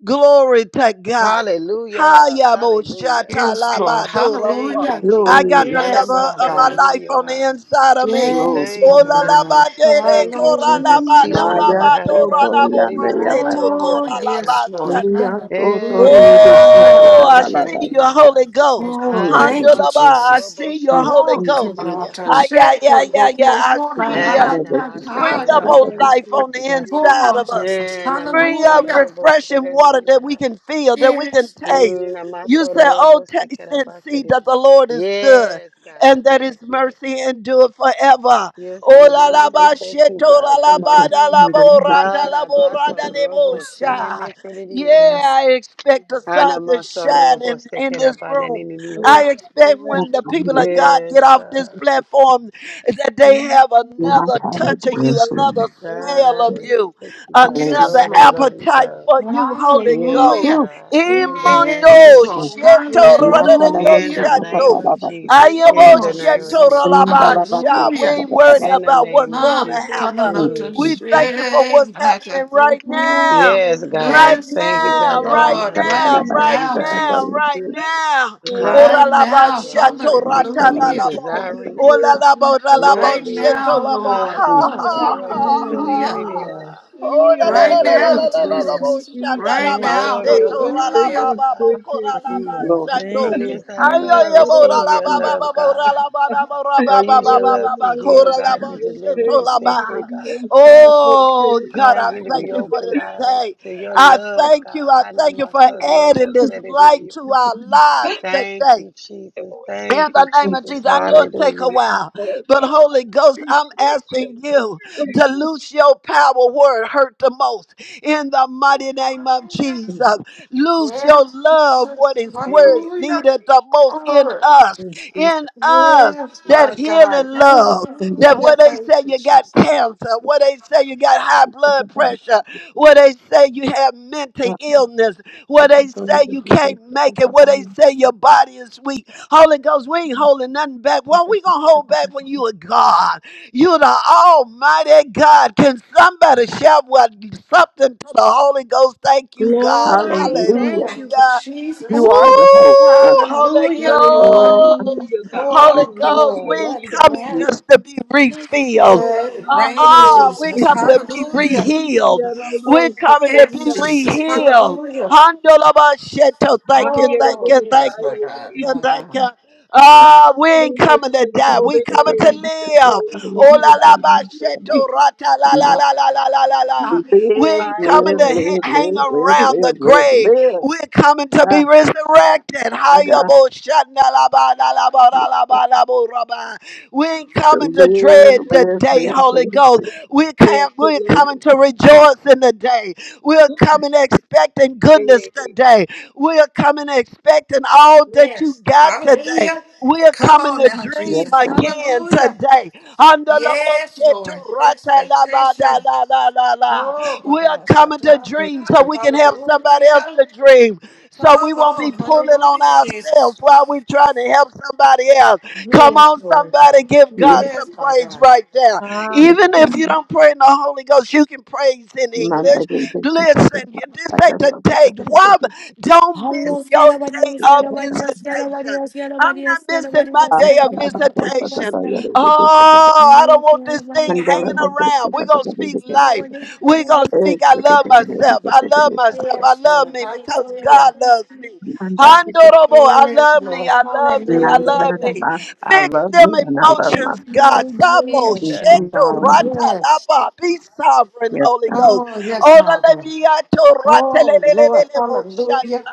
Glory to God.
Hallelujah.
Hayabo
Hallelujah.
Yes, Lord.
shatalabadoro.
Thank you,
Hallelujah.
I
Jesus.
got
Glory,
the
Hana
Yes,
lover
my
of
masada
my
de
God.
de
life
de
on
oha.
the inside of me.
glory.
Yes, my
Oh
Thank you,
la la
Jesus.
God.
ba de de
Thank you,
cora la
Jesus.
ba do
Teach me,
Hallelujah.
la
Good,
Maya,
God,
ba
how to
do ra
Sobo,
la
basada
bo
de
ra
de oha, how to love
Oh,
Lord.
cora
myself,
la
God.
ba
yes, Lord.
Mia
sando.
Hallelujah.
Eh,
Hallelujah.
sotore
na
de
masada
kisa
Oh,
robo
Hallelujah.
I
katala da
shede
see
de de
your
oha.
Holy Ghost.
Bless,
Oh,
Hana
thank you,
kalende.
Handalaba,
masada
I
Jesus.
robo
see your
Mm,
shada
Holy
Oh,
mm,
basada de
come
Ghost.
mm,
de
on, to
oha.
Ah,
mm.
yeah,
shake,
yeah,
gotta go
yeah,
to
yeah,
a
I
floor, na,
Ika
see
na,
ya.
na,
Eh,
tala de
na,
kisa
Spring
na,
up
come
katala da
on
on.
good,
namasaraririyoha.
kisa
life on
Lord.
the
katala.
bless,
Come
inside
Hallelujah.
on,
of us.
Jesus.
Eh,
Spring up
Hallelujah.
refreshing water that we
namatarobosaraririyoha.
can feel, that we can
Yes, Lord.
taste.
Mm,
Hallelujah.
You said, Oh, taste and see
namasorobosikarabasariri.
that the Lord is good
Yes,
and
God.
that
Yes,
his
yes.
mercy endure forever.
Yes,
Oh,
we
la
want to
la ba
taste
Hallelujah.
that too,
sheto, la
God.
la
Come
ba
Ika
on.
da la
sindo
bo
de
ra ta la
kisa
bo ra da
katala.
le bo
bless you.
sha. Yeah,
Arabasaroboshenemesaririyoha.
Bless
I expect a sign shine in, in this room.
Lord,
I
Anamasorobosikarabananiniyoha.
expect
Lord,
when the
Rakam
people
da
of
Lord.
God get
Yes,
off this
kisa.
God.
platform that they
Hallelujah.
have another
Matala
touch
de
of you,
Yes,
another
Lord.
Hallelujah.
God,
smell
I
of
Hallelujah.
you,
respect you, God. I
another
Yes,
kalende.
Lord, I
Lord.
love you,
appetite
God.
for you, Holy
Yes,
Ghost.
Hallelujah.
Mm,
God. In the
mm,
name
mm,
The
Yes,
of
Imondo
mm.
Lord.
Jesus.
sheto
Matala
rodorio
de
In the
Hallelujah.
kisa
name
shando.
katala
of
da kisa.
Jesus.
Ayabo
In
Come
the
on,
name of
sheto
Jesus.
Jesus.
Indala da
rolabasha. We
kisa
Hallelujah.
ain't worrying
katala.
In the
about what's
name of
going
Ah,
to
Jesus.
kana
happen.
Mm,
hmm
nata
mm,
We
mm.
thank you for
shame,
what's
nata
happening right
kuku.
now.
Yes,
Right
God.
Yes,
Thank you, God,
now,
that our
right
Lord,
minds are
right
Katala
now,
fixed
de
on
right
you,
kisa
now,
God.
now,
Jesus.
katala.
right now.
Ah, and
Right
Ora
I'm
la ba
also
now,
shato
so fixed
rata
Matala
on
la
you,
de
la
hallelujah.
ba.
kisa
desiring
katala.
you,
Ola
God.
la ba ora la
More
ba
of
Right
you, God.
shato
now,
la ba.
Ah, and
Lord.
Ha
Mm,
I'm
ha
Oh,
also
mm,
ha
mm.
rubble,
ha.
so
hallelujah.
ha.
ah.
Hallelujah.
Ora la
More of
la
Right
la
your love,
la la
now,
la la
God.
la
Yeah.
ba
Jesus.
shata la
Right
Hey,
ba
now,
More of your
seto ra
God,
la
hallelujah.
ba
love,
ba ba
God.
kora
Thank
la
you.
ba
Hallelujah.
Glory to
From
Thank you.
shando.
Thank
the
Lord
you.
inside of God, I
Ayo yo ba ora
receive
Jesus,
la
your
ba ba
love,
ba ba
God.
I
ora la ba la ba ora
I I
Or
ba ba
use
ba
your
ba
love
ba
to
ba
love
heal,
kora la
I
God,
ba.
to
need to
deliver, to set
eat a
free,
Tolaba.
God.
little sausage
Oh
in the
God,
Cause
I
me to
eye.
thank you
God.
be open, God,
today.
to your
I
love,
thank you.
God.
I thank you for
Thank
adding
you,
this light
Anamasorobosedidiyua.
to our lives
Thank
today.
you, Jesus.
Lord
In
Thank
Jesus.
you,
the name
Thank
of
Jesus.
Jesus, I know take a
Hallelujah.
while.
I
But Holy Ghost, I'm
Appreciate you,
asking you to
Lord.
loose your power where it hurt the most. In the mighty name of
Hallelujah.
Jesus,
you.
loose your
Yes,
love
Jesus.
what is where it's
Yes.
Hallelujah.
needed the most in
Glory.
us.
In Jesus.
In us.
Yes,
That
my
healing
God.
love,
Thank you.
that
Hallelujah.
what they
Thank
say
you,
you got
Jesus.
cancer, what they say you got high blood pressure, what they say you have mental illness, what they say you can't make it, what they say your body is weak. Holy Ghost, we ain't holding nothing back. What we gonna hold back when you are God? You're the Almighty God. Can somebody shout what something to the Holy Ghost? Thank you, God.
Glory.
Hallelujah.
Hallelujah.
Hallelujah.
Thank you,
Thank
God.
you,
You
Woo!
Thank
Jesus.
you,
are the hope. Uh,
Holy
Hallelujah,
Oh
Lord.
my
Ghost.
Hallelujah, God. I
Holy
God.
Oh,
Ghost, we
Lord.
appreciate
ain't
Let it
you.
coming
You are the-
rain.
just to be refilled.
Lord, I
Let it rain,
Uh-uh, we
am. I
Jesus.
come to be
Hallelujah.
re-healed.
I'm
We're coming to
I'm
Yes,
be
Jesus.
re-healed.
Hallelujah.
Handolabasheto. Thank you, thank
Oh,
you, thank
yes,
you,
my God.
thank
Hallelujah.
you,
My
thank
God.
you. Ah, we
Bless
ain't coming to
your
die. We
holy
coming to
name,
live.
Jehovah
Oh la
Healer.
la ba sheto, rata la la la la la la la la. We
I
ain't
love
coming to
Live,
all
ha-
live, live,
of
hang
live, live,
you.
around the
live, live,
grave.
live.
We're coming to
Ah,
be resurrected.
I got
Hayabo shanda la ba la la ba la la ba la bo ra ba. We ain't
to
coming to
live,
dread the
live,
day,
live,
Holy
live,
Ghost. We
Yes,
can't, we're
live.
coming to rejoice in the day. We're coming expecting goodness
you
today. We're coming expecting all that you
Yes.
got today.
Hallelujah.
We're
Come
coming
on
to
now,
Yes,
dream
Jesus.
God.
again
Hallelujah.
today. Under the
Yes,
bullshit to
Lord.
rata la ba da
Expectation.
la la la la.
Oh,
We
Father,
are
my son.
coming to
God.
dream so we can help somebody
Hallelujah.
else to dream. So we
Come
won't be
on.
pulling on
Hallelujah, Jesus.
ourselves while we're trying to help somebody else. Come
Yes,
on,
Lord.
somebody, give God
Yes,
some
Yes, my
praise
God.
right there.
Hallelujah.
yes,
Even if
God.
you don't pray in the Holy Ghost, you can praise in
Man by
English.
the way,
Listen, this
I
ain't
guess
a
i
date. Woman, don't miss
Hallelujah,
your day
hallelujah,
of
hallelujah,
visitation.
hallelujah,
I'm
hallelujah,
not missing my
hallelujah,
day of visitation.
hallelujah.
Oh, I
Gloria,
don't want
gloria,
this thing
gloria,
hanging around.
gloria,
We're going to speak life.
gloria, gloria,
We're going to speak, I love myself. I love myself. I
Yes,
love
Lord.
me because
gloria,
God
Hallelujah.
loves
gloria.
me. Honorable, I
Yes,
love me,
Lord.
I love me, I love
Hallelujah.
me.
I
Fix
love me
them
and I love
Thank
emotions,
myself.
God.
you,
Sabo,
In
Jesus.
Yes, my
Jesus'
sheto,
God.
name,
rata,
Yes.
lapa. Be sovereign,
Yes,
Holy
God.
Ghost.
Oh, yes,
Oh,
my God.
Lalabiato
Oh, Lord. Hallelujah.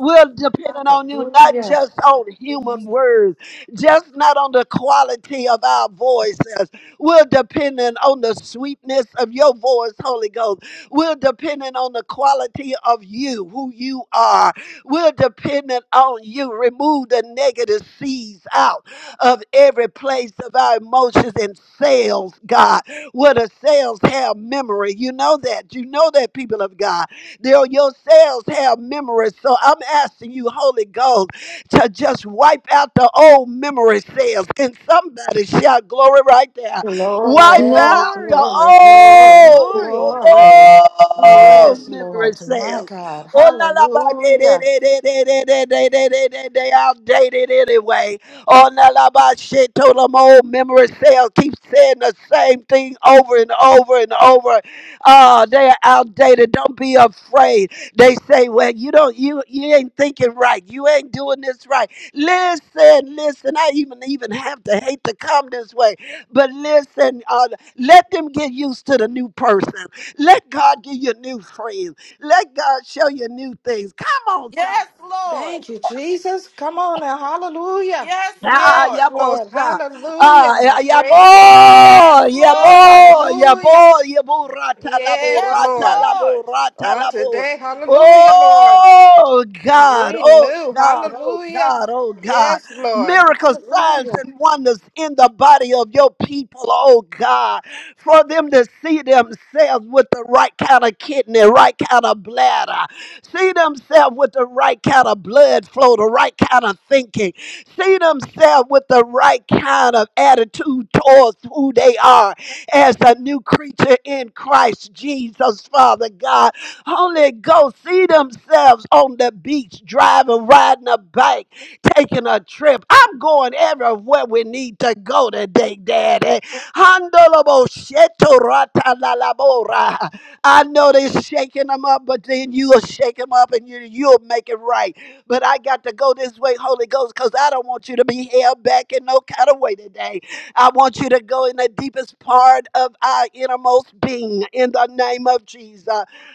We're depending on you, not
Hallelujah.
just on human
live.
words, just not on the quality of our voices. We're depending on the sweetness of your voice, Holy Ghost. We're depending on the quality of you, who you are. We're dependent on you. Remove the negative seeds out of every place of our emotions and cells, God where the cells have memory. You know that. You know that, people of God. They're- Your cells have memory. So I'm asking you, Holy Ghost, to just wipe out the old memory cells. And somebody shout glory right there. Wipe
Glory,
out the
glory,
Glory.
glory,
old,
Glory.
glory. Yes,
Glory.
old memory
Lord. My
cells.
God.
Oh la la ba de de
Hallelujah.
de de de de de de de de de outdated anyway. Oh, now la shit, told them old memory cell keeps saying the same thing over and over and over. Ah, they are outdated. Don't be afraid. They say, well, you don't, you you ain't thinking right. You ain't doing this right. Listen, listen. I even even have to hate to come this way, but listen. Uh, let them get used to the new person. Let God give you new friends. Let God show you new things. Come on, somebody.
Yes, Lord.
Thank you, Jesus. Come on now. Hallelujah.
Yes,
Ah,
Lord.
Yes, Lord.
yabosa.
Hallelujah.
Ah,
My
ya-
praise you.
Yes,
yabo,
Oh,
Lord.
yabo,
hallelujah.
yabo, yabo, rata, labo,
Yes,
Yes,
rata,
Lord.
Lord.
labo, rata,
On
labo.
today, hallelujah, Lord.
Oh, God, oh,
Renew.
God, oh,
Hallelujah.
God, oh, God.
Yes, Lord.
Miracles, signs,
Hallelujah.
and wonders in the body of your people, oh, God. For them to see themselves with the right kind of kidney, right kind of bladder, see themselves with the right kind of blood flow, the right kind of thinking see themselves with the right kind of attitude towards who they are as a new creature in Christ Jesus, Father God. Holy Ghost, see themselves on the beach, driving, riding a bike, taking a trip. I'm going everywhere we need to go today, Daddy. Handolobo sheto rata la la I know they're shaking them up, but then you'll shake them up and you, you'll make it right. But I got to go this way, Holy Ghost, because I don't want you to be held back in no kind of way today. I want you to go in the deepest part of our innermost being in the name of Jesus.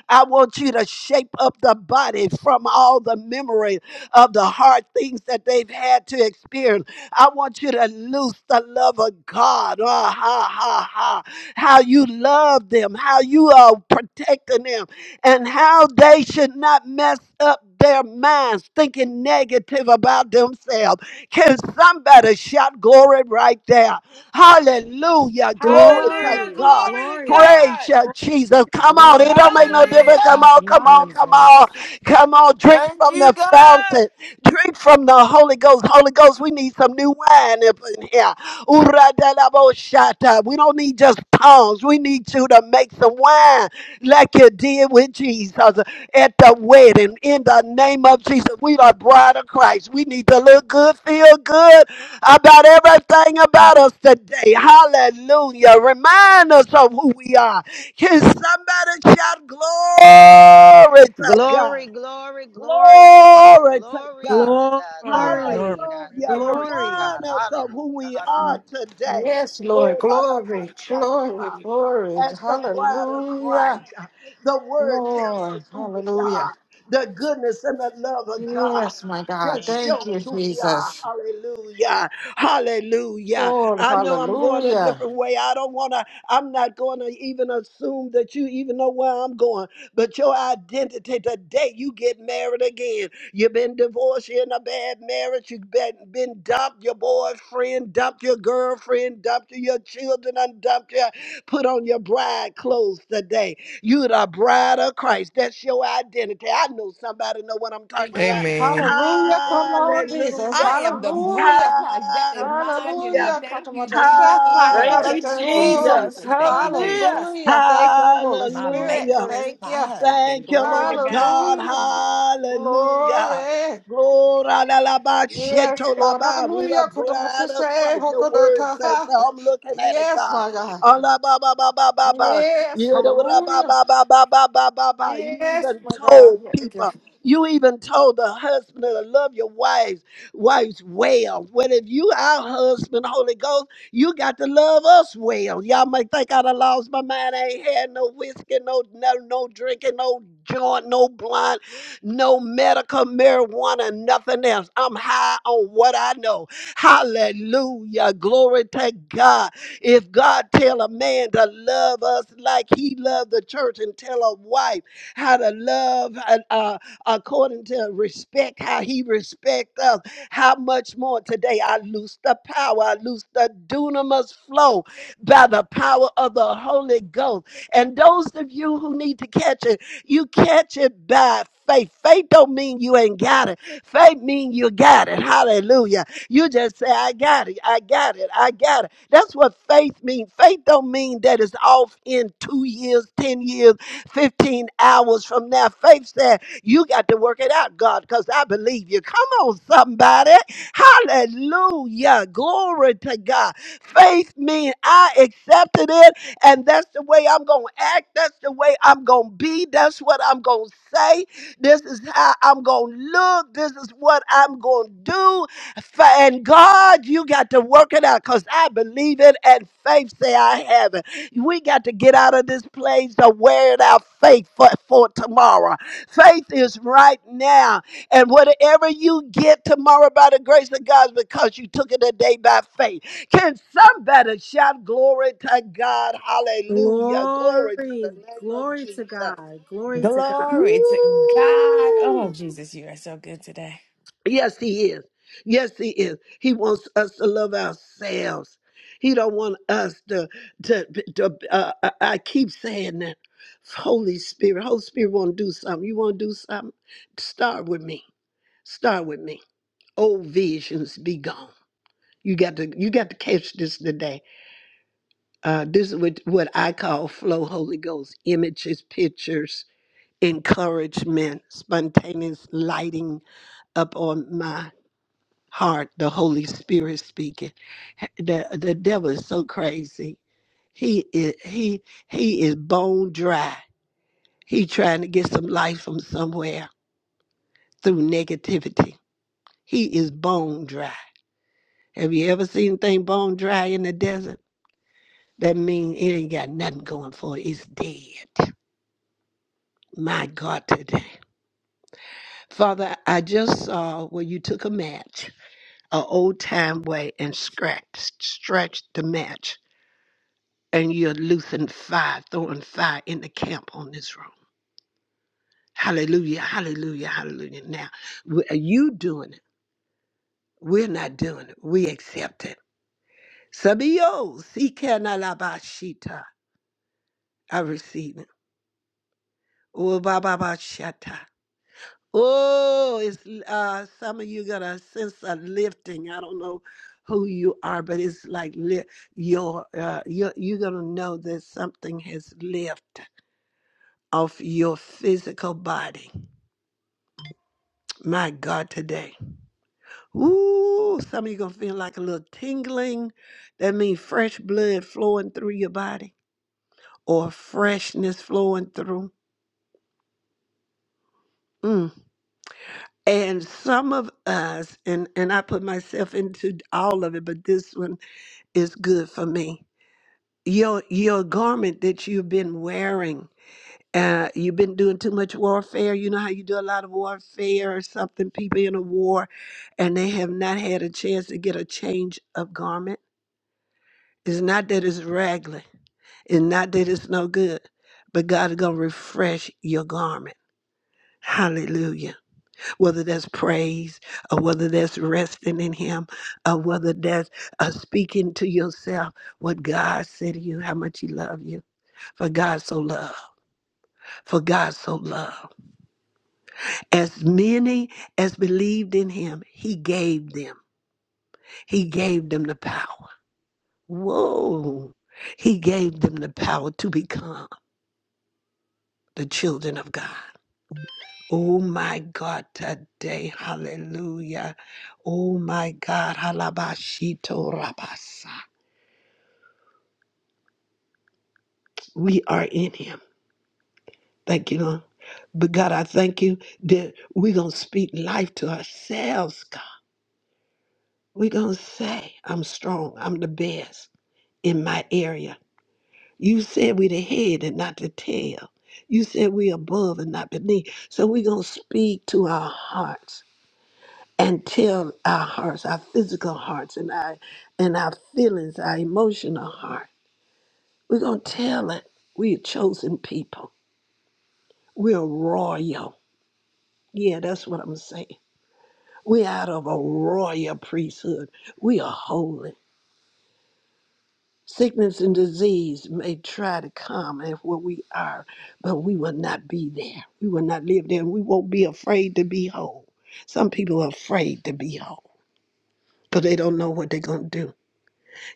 I want you to shape up the body from all the memory of the hard things that they've had to experience. I want you to loose the love of God. Ah, ha, ha, ha. How you love them, how you are protecting them, and how they should not mess up their minds thinking negative about themselves. Can somebody shout glory right there? Hallelujah.
Glory.
Glory to
Hallelujah.
Glory.
God.
Glory to
Glory.
Praise
God.
you, Jesus. Come on.
Glory.
Glory
It
to
don't make no
God.
difference. Come
Hallelujah.
Thank
on.
you,
Come
Hallelujah.
on. Come on.
Jesus.
Come on. Drink
Thank
from
you,
the
God.
fountain. Drink from the Holy Ghost. Holy Ghost, we need some new wine up in here. Ura de la bo shata. We don't need just tongues. We need you to make some wine like you did with Jesus at the wedding. In the name of Jesus, we are bride of Christ. We need to look good, feel good about everything about us today. Hallelujah. Remind us of who we are. Can somebody shout glory to God?
Glory, glory, glory to God.
Glory to
Glory
God.
to God.
Glory,
Glory
glory.
to
Glory.
God.
Hallelujah.
Hallelujah.
Glory to
Glory.
God.
Remind us of who
Hallelujah.
we
Hallelujah.
are today.
Yes, Lord.
Oh, la, la, bo,
Glory,
sha, do,
glory,
la
glory.
as the bride of
Hallelujah.
Christ. The word tells us
Lord.
who we
Hallelujah.
are. The goodness and the love of God
Yes, my God.
just show
Thank
us
you,
who we are.
Jesus.
Hallelujah. Hallelujah.
Lord,
I know I'm going a
hallelujah.
different way. I don't want to, I'm not going to even assume that you even know where I'm going. But your identity the day you get married again, you've been divorced, you're in a bad marriage, you've been, been dumped, your boyfriend dumped your girlfriend, dumped you, your children, and dumped you. Put on your bride clothes today. You the bride of Christ. That's your identity. I know somebody know what I'm talking about.
Amen.
Hallelujah. Come on, Jesus.
Hallelujah.
I am the bride of
Hallelujah.
Christ. That is my
Hallelujah.
identity.
Hallelujah.
Thank you,
Katamata
Jesus, for the
Shafana
Thank
blood.
you,
Karata
Thank you,
Ho.
Hallelujah.
Jesus.
Jesus. Thank you,
Hallelujah.
Jesus.
Hallelujah. Thank you, Holy
My
Spirit.
Hallelujah.
maker is
Thank
my
you.
husband.
Thank you,
Glory to
Lord
God.
God.
Hallelujah.
Hallelujah.
Glory.
Glory la la ba,
Yes,
sheto la
Lord.
ba. We the
Hallelujah.
bride
Katamata
of
Shai
Christ. Your word
Hokodata
says
Ha.
so. I'm looking at it,
Yes,
God.
my God.
Ah, la ba ba ba ba ba ba.
Yes.
You know la ba
Hallelujah.
ba ba ba ba ba ba ba. You
Yes,
even
my God.
told
Thank you.
people. You even told the husband to love your wives, wives well. What if you our husband, Holy Ghost? You got to love us well. Y'all might think I'd have lost my mind. I ain't had no whiskey, no no, no drinking, no joint, no blunt, no medical marijuana, nothing else. I'm high on what I know. Hallelujah. Glory to God. If God tell a man to love us like he loved the church and tell a wife how to love uh, uh, according to respect, how he respect us, how much more today I loose the power, I loose the dunamis flow by the power of the Holy Ghost. And those of you who need to catch it, you catch it by faith. Faith don't mean you ain't got it. Faith mean you got it. Hallelujah. You just say, I got it. I got it. I got it. That's what faith means. Faith don't mean that it's off in two years, 10 years, 15 hours from now. Faith said, you got to work it out, God, because I believe you. Come on, somebody. Hallelujah. Glory to God. Faith means I accepted it, and that's the way I'm going to act. That's the way I'm going to be. That's what I'm going to say. This is how I'm going to look. This is what I'm going to do. Fa- And God, you got to work it out because I believe it, and faith say I have it. We got to get out of this place of wearing our faith for, for tomorrow. Faith is right now. And whatever you get tomorrow by the grace of God is because you took it a day by faith. Can somebody shout glory to God? Hallelujah. Glory to the
Glory.
name of
Glory
Jesus.
to God. Glory to God.
Glory to God. Oh,
Woo!
Jesus, you are so good today.
Yes, he is. Yes, he is. He wants us to love ourselves. He don't want us to to, to uh, I I keep saying that. Holy Spirit, Holy Spirit want to do something. You want to do something? Start with me. Start with me. Old visions be gone. You got to you got to catch this today. Uh, this is what, what I call flow Holy Ghost images, pictures, encouragement, spontaneous lighting up on my heart. The Holy Spirit speaking. The the devil is so crazy. He is he he is bone dry. He trying to get some life from somewhere through negativity. He is bone dry. Have you ever seen anything bone dry in the desert? That means it ain't got nothing going for it. It's dead. My God, today. Father, I just saw where you took a match, an old time way, and scratched, stretched the match, and you're loosing fire, throwing fire in the camp on this room. Hallelujah, hallelujah, hallelujah. Now, w- you doing it. We're not doing it. We accept it. Sabio, si canalabashita. I receive it. Oh, ba, ba, ba, shatta. Oh, it's uh, some of you got a sense of lifting. I don't know who you are, but it's like li- your uh, you're, you're gonna know that something has lifted off your physical body. My God, today. Ooh, some of you gonna feel like a little tingling. That means fresh blood flowing through your body or freshness flowing through. Mm. And some of us, and, and I put myself into all of it, but this one is good for me. Your your garment that you've been wearing, uh, you've been doing too much warfare. You know how you do a lot of warfare or something, people in a war, and they have not had a chance to get a change of garment. It's not that it's raggedy, it's not that it's no good, but God is gonna refresh your garment. Hallelujah. whether that's praise, or whether that's resting in Him, or whether that's uh, speaking to yourself what God said to you, how much He loves you. For God so loved, for God so loved. As many as believed in Him, He gave them, He gave them the power. Whoa! He gave them the power to become the children of God. Oh my God, today, hallelujah. Oh my God, halabashito rabasa. we are in him. Thank you, Lord. But God, I thank you that we're going to speak life to ourselves, God. We're going to say, I'm strong. I'm the best in my area. You said we're the head and not the tail. You said we're above and not beneath. So we're going to speak to our hearts and tell our hearts, our physical hearts and our, and our feelings, our emotional heart. We're going to tell it. We're a chosen people. We're royal. Yeah, that's what I'm saying. we out of a royal priesthood. We are holy. Sickness and disease may try to come and where we are, but we will not be there. We will not live there. We won't be afraid to be whole. Some people are afraid to be whole because they don't know what they're going to do.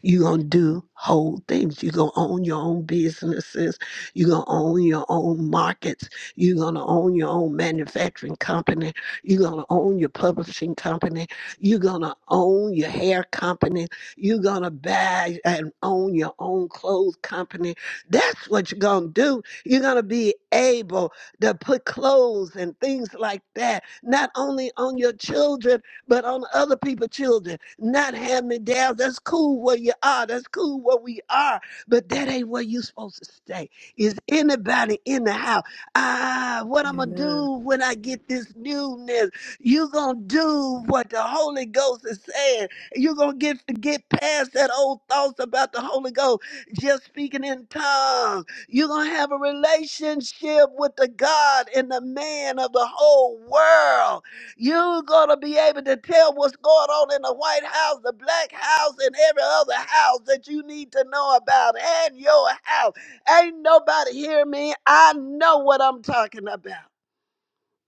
You're going to do whole things. You're going to own your own businesses. You're going to own your own markets. You're going to own your own manufacturing company. You're going to own your publishing company. You're going to own your hair company. You're going to buy and own your own clothes company. That's what you're going to do. You're going to be able to put clothes and things like that, not only on your children, but on other people's children. Not hand me down. That's cool where you are. That's cool where we are. But that ain't where you supposed to stay. Is anybody in the house? Ah, what I'm gonna
Amen.
do when I get this newness? You gonna do what the Holy Ghost is saying. You gonna get get past that old thoughts about the Holy Ghost, just speaking in tongues. You're gonna have a relationship with the God and the man of the whole world you're going to be able to tell what's going on in the White House, the Black House, and every other house that you need to know about and your house. Ain't nobody hear me. I know what I'm talking about.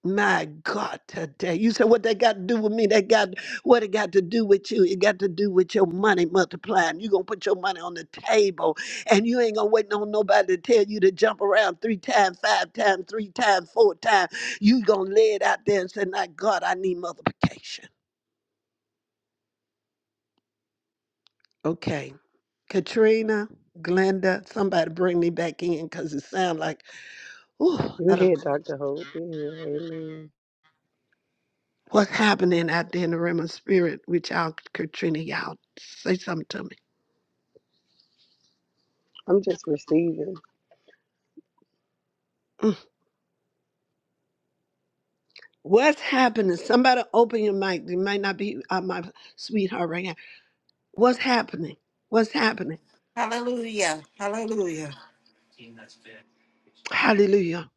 My God, today. You said what that got to do with me? That got what it got to do with you? It got to do with your money multiplying. you gonna put your money on the table and you ain't gonna wait on nobody to tell you to jump around three times, five times, three times, four times. You gonna lay it out there and say, My God, I need multiplication. Okay. Katrina, Glenda, somebody bring me back in because it sounds like ooh,
You
uh,
hear Dr. Hope. You hear, amen.
what's happening out there in the realm of spirit with y'all, Katrina, y'all say something to me.
I'm just receiving.
What's happening? Somebody open your mic. It might not be uh, my sweetheart right now. What's happening? What's happening?
Hallelujah. Hallelujah.
Hallelujah.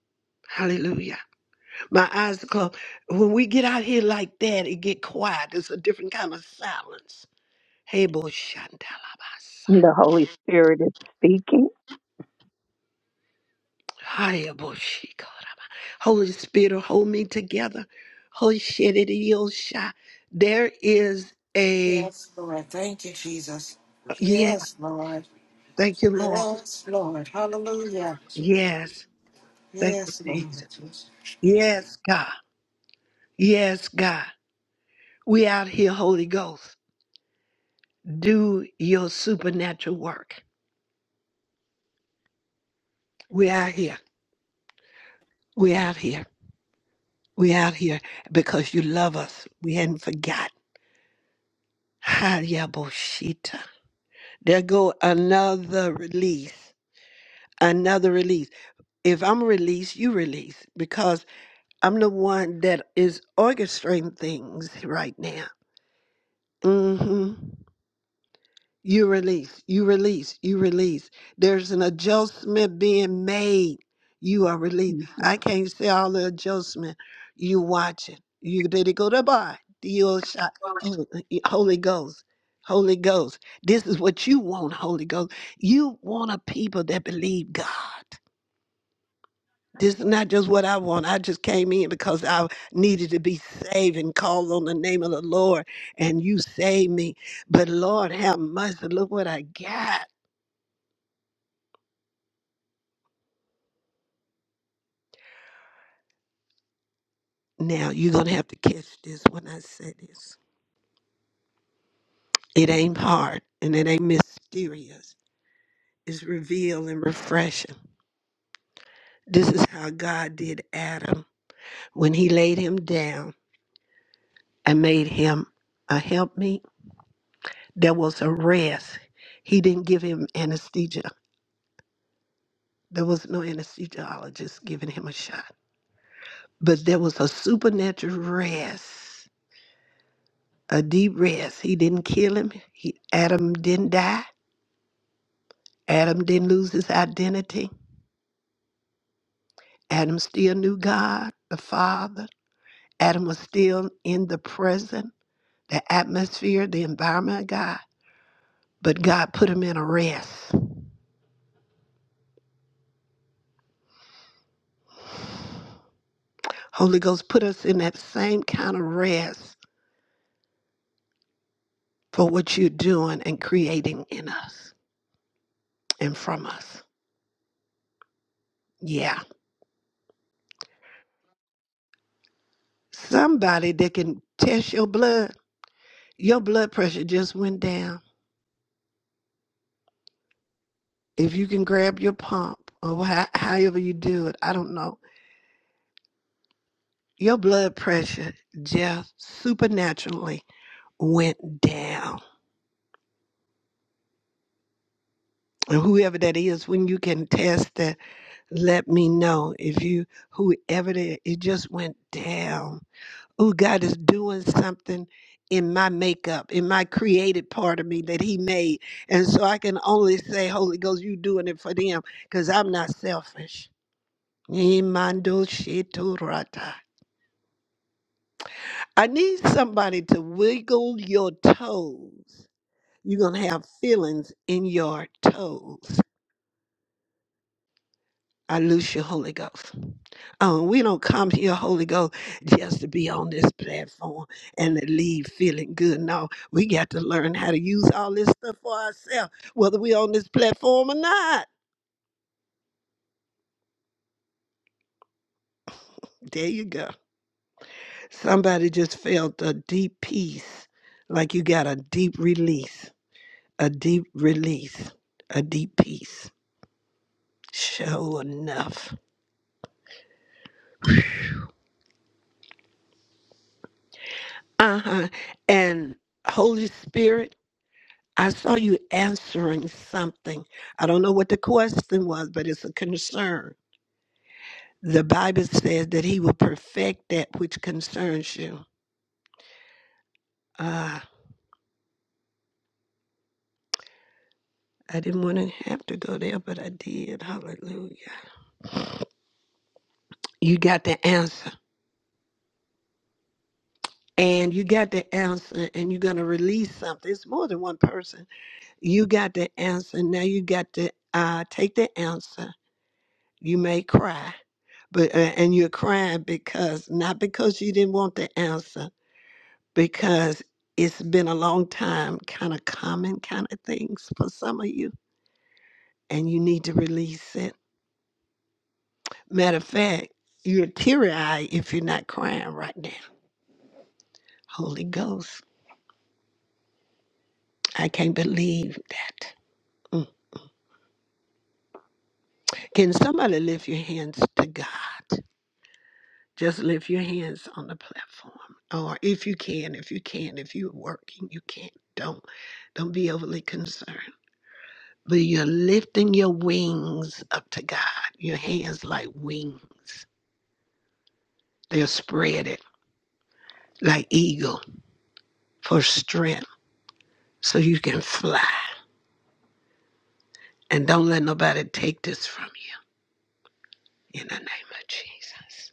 Hallelujah. My eyes are closed. When we get out here like that, it get quiet. It's a different kind of silence. Hey, boy, shantalabasa.
The Holy Spirit is speaking.
Hiya, boy, shikara. Holy Spirit, hold me together. Holy shit, it is shy. There is a,
Yes, Lord. Thank you, Jesus.
yeah,
Yes, Lord.
thank you, Lord.
Yes, Lord. Hallelujah.
Yes, thank you,
Yes, Lord.
Jesus. Yes, God. Yes, God. We out here, Holy Ghost. Do your supernatural work. We out here. We out here. We out here because you love us. We hadn't forgotten. Hayaboshita. There go another release. Another release. If I'm released, you release because I'm the one that is orchestrating things right now. hmm You release, you release, you release. There's an adjustment being made. You are released. I can't say all the adjustment. You watch it. You did it go to by. You shot. Oh, Holy Ghost. Holy Ghost. This is what you want, Holy Ghost. You want a people that believe God. This is not just what I want. I just came in because I needed to be saved and called on the name of the Lord, and you saved me. But Lord, have mercy. Look what I got. Now you're gonna have to catch this when I say this. It ain't hard and it ain't mysterious. It's revealed and refreshing. This is how God did Adam when he laid him down and made him a helpmeet. There was a rest. He didn't give him anesthesia. There was no anesthesiologist giving him a shot. But there was a supernatural rest, a deep rest. He didn't kill him. He, Adam didn't die. Adam didn't lose his identity. Adam still knew God, the Father. Adam was still in the present, the atmosphere, the environment of God. But God put him in a rest. Holy Ghost put us in that same kind of rest for what you're doing and creating in us and from us. Yeah. Somebody that can test your blood, your blood pressure just went down. If you can grab your pump or how, however you do it, I don't know. Your blood pressure just supernaturally went down. And whoever that is, when you can test that, let me know. If you, whoever that, it just went down. Oh, God is doing something in my makeup, in my created part of me that He made. And so I can only say, Holy Ghost, you doing it for them because I'm not selfish. Imando sheturata. I need somebody to wiggle your toes. You're going to have feelings in your toes. I loose your Holy Ghost. Um, we don't come here, Holy Ghost, just to be on this platform and to leave feeling good. No, we got to learn how to use all this stuff for ourselves, whether we're on this platform or not. There you go. Somebody just felt a deep peace, like you got a deep release, a deep release, a deep peace. Sure enough. Uh huh. And Holy Spirit. I saw you answering something. I don't know what the question was, but it's a concern. The Bible says that He will perfect that which concerns you. Ah, I didn't want to have to go there, but I did. Hallelujah. You got the answer. And you got the answer, and you're going to release something. It's more than one person. You got the answer. Now you got to uh, take the answer. You may cry, but uh, and you're crying because not because you didn't want the answer because it's been a long time, kind of common kind of things for some of you, and you need to release it. Matter of fact, you're teary eyed if you're not crying right now. Holy Ghost, I can't believe that. Mm. Can somebody lift your hands to God? Just lift your hands on the platform. Or if you can, if you can, if you're working, you can't. Don't don't be overly concerned. but you're lifting your wings up to God. Your hands like wings. They're spreaded like eagle for strength so you can fly. And don't let nobody take this from you in the name of Jesus.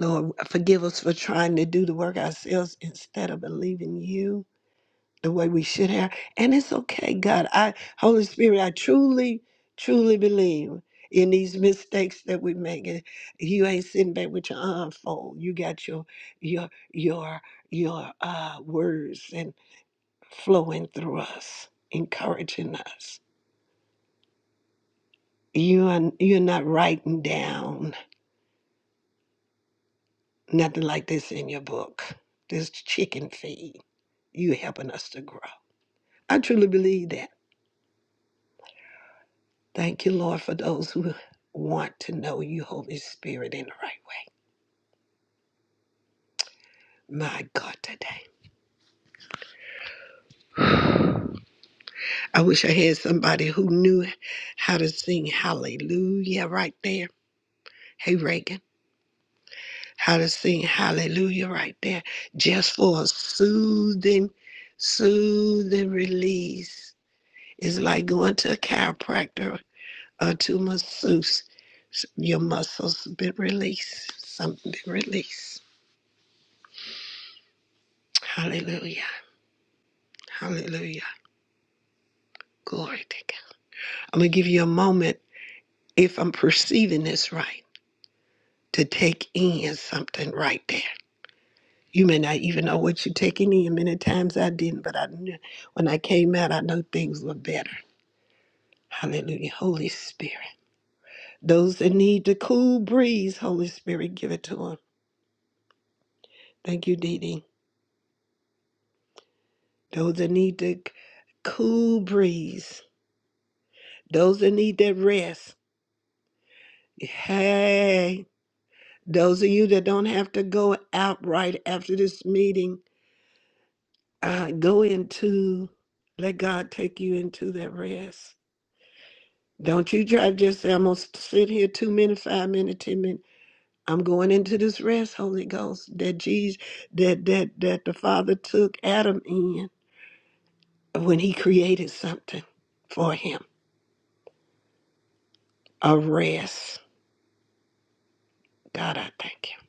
Lord, forgive us for trying to do the work ourselves instead of believing you the way we should have. And it's okay, God. I Holy Spirit, I truly, truly believe in these mistakes that we make. And You ain't sitting back with your arm fold. You got your your your your uh words and flowing through us, encouraging us. You are you're not writing down nothing like this in your book. This chicken feed. You helping us to grow. I truly believe that. Thank you, Lord, for those who want to know you, Holy Spirit, in the right way. My God, today. I wish I had somebody who knew how to sing hallelujah right there. Hey, Reagan, how to sing hallelujah right there just for a soothing, soothing release. It's like going to a chiropractor or to a masseuse. Your muscles been released, something been released. Hallelujah, hallelujah. Glory to God. I'm going to give you a moment, if I'm perceiving this right, to take in something right there. You may not even know what you're taking in. Many times I didn't, but I knew when I came out, I knew things were better. Hallelujah. Holy Spirit. Those that need the cool breeze, Holy Spirit, give it to them. Thank you, Dee Dee. Those that need the cool breeze, those that need that rest. Hey, those of you that don't have to go out right after this meeting uh, go into, let God take you into that rest. Don't you try to just say, I'm going to sit here two minutes, five minutes, ten minutes. I'm going into this rest, Holy Ghost, that Jesus, that that that the Father took Adam in when He created something for him, a rest. God, I thank you.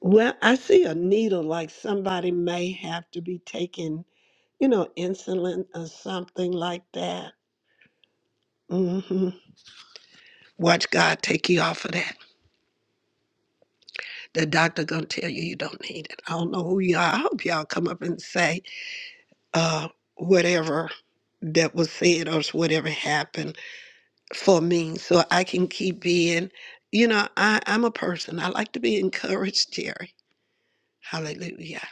Well, I see a needle like somebody may have to be taking, you know, insulin or something like that. hmm Watch God take you off of that. The doctor gonna tell you you don't need it. I don't know who you are. I hope y'all come up and say uh, whatever that was said or whatever happened for me, so I can keep being. You know, I, I'm a person. I like to be encouraged, Jerry. Hallelujah.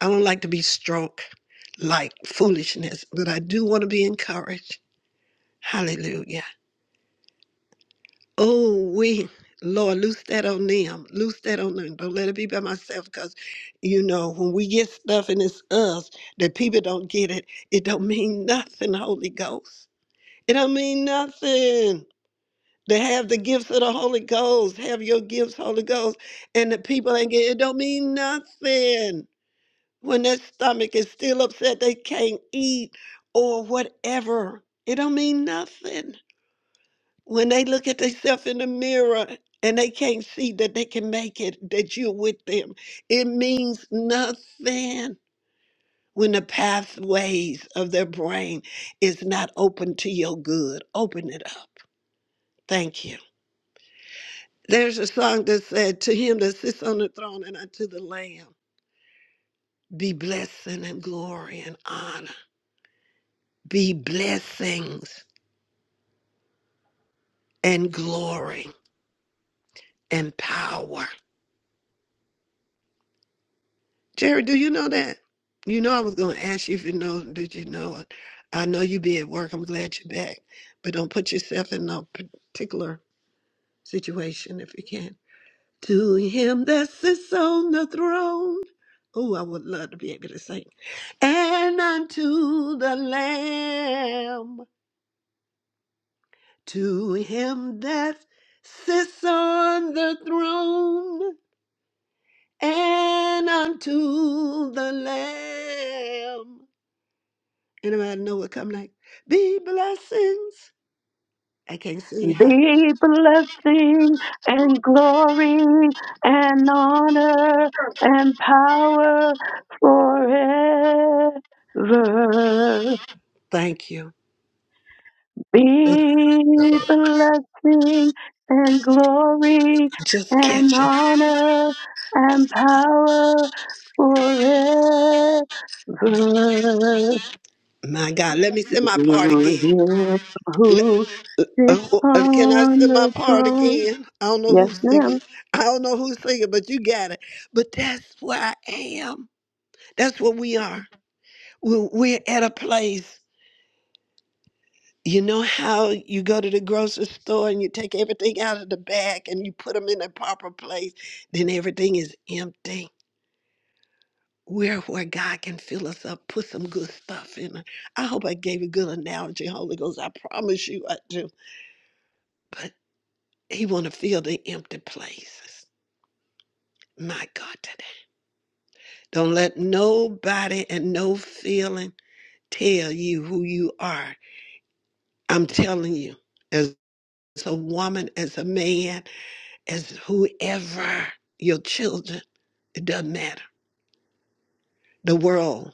I don't like to be stroked like foolishness, but I do want to be encouraged. Hallelujah. Oh, we, Lord, loose that on them. Loose that on them. Don't let it be by myself because, you know, when we get stuff and it's us, that people don't get it, it don't mean nothing, Holy Ghost. It don't mean nothing. To have the gifts of the Holy Ghost, have your gifts, Holy Ghost, and the people ain't get it, don't mean nothing. When their stomach is still upset, they can't eat or whatever. It don't mean nothing. When they look at themselves in the mirror and they can't see that they can make it, that you're with them, it means nothing when the pathways of their brain is not open to your good. Open it up. Thank you. There's a song that said, To him that sits on the throne and unto the Lamb, be blessing and glory and honor. Be blessings and glory and power. Jerry, do you know that? You know, I was going to ask you if you know, did you know it? I know you be at work. I'm glad you're back. But don't put yourself in no particular situation if you can. To him that sits on the throne. Oh, I would love to be able to sing. And unto the Lamb, to him that sits on the throne, and unto the Lamb. Anybody know what come next? Be blessings. I can't sing high.
Be blessing and glory and honor and power forever.
Thank you.
Be blessing and glory
Just
and
catch it.
honor and power forever.
My God, let me sing my part
Who
again.
is
Let-
who sits
oh, oh, uh, can I
on
sing my
the
part
throne?
again? I don't know
Yes,
who's singing.
ma'am.
I don't know who's singing, but you got it. But that's where I am. That's where we are. We're, we're at a place. You know how you go to the grocery store and you take everything out of the bag and you put them in the proper place, then everything is empty We're where God can fill us up, put some good stuff in. us. I hope I gave a good analogy, Holy Ghost. I promise you I do. But He want to fill the empty places. My God, today. Don't let nobody and no feeling tell you who you are. I'm telling you, as a woman, as a man, as whoever, your children, it doesn't matter. The world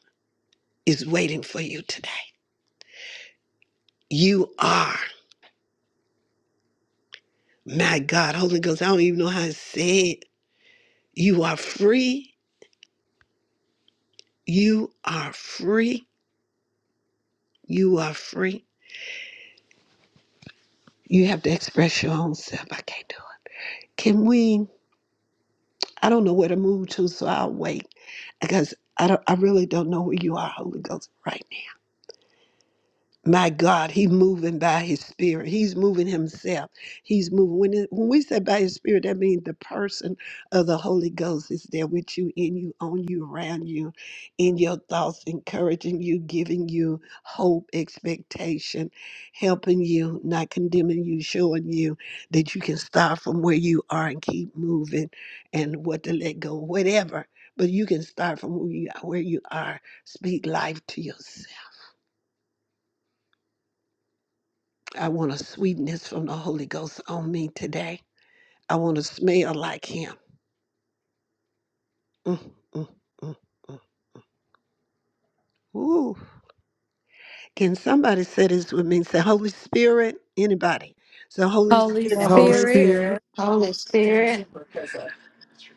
is waiting for you today. You are. My God, Holy Ghost, I don't even know how to say it. You are free. You are free. You are free. You have to express your own self. I can't do it. Can we? I don't know where to move to, so I'll wait because I don't. I really don't know where you are, Holy Ghost, right now. My God, He's moving by His Spirit. He's moving Himself. He's moving. When, it, when we say by His Spirit, that means the person of the Holy Ghost is there with you, in you, on you, around you, in your thoughts, encouraging you, giving you hope, expectation, helping you, not condemning you, showing you that you can start from where you are and keep moving and what to let go, whatever. But you can start from where you, where you are. Speak life to yourself I want a sweetness from the Holy Ghost on me today. I want to smell like Him. Mm, mm, mm, mm. Ooh. Can somebody say this with me? Say, Holy Spirit, anybody. So, Holy
Holy
Spirit,
The
Holy
Holy
Spirit,
Spirit.
Spirit,
Holy Spirit,
I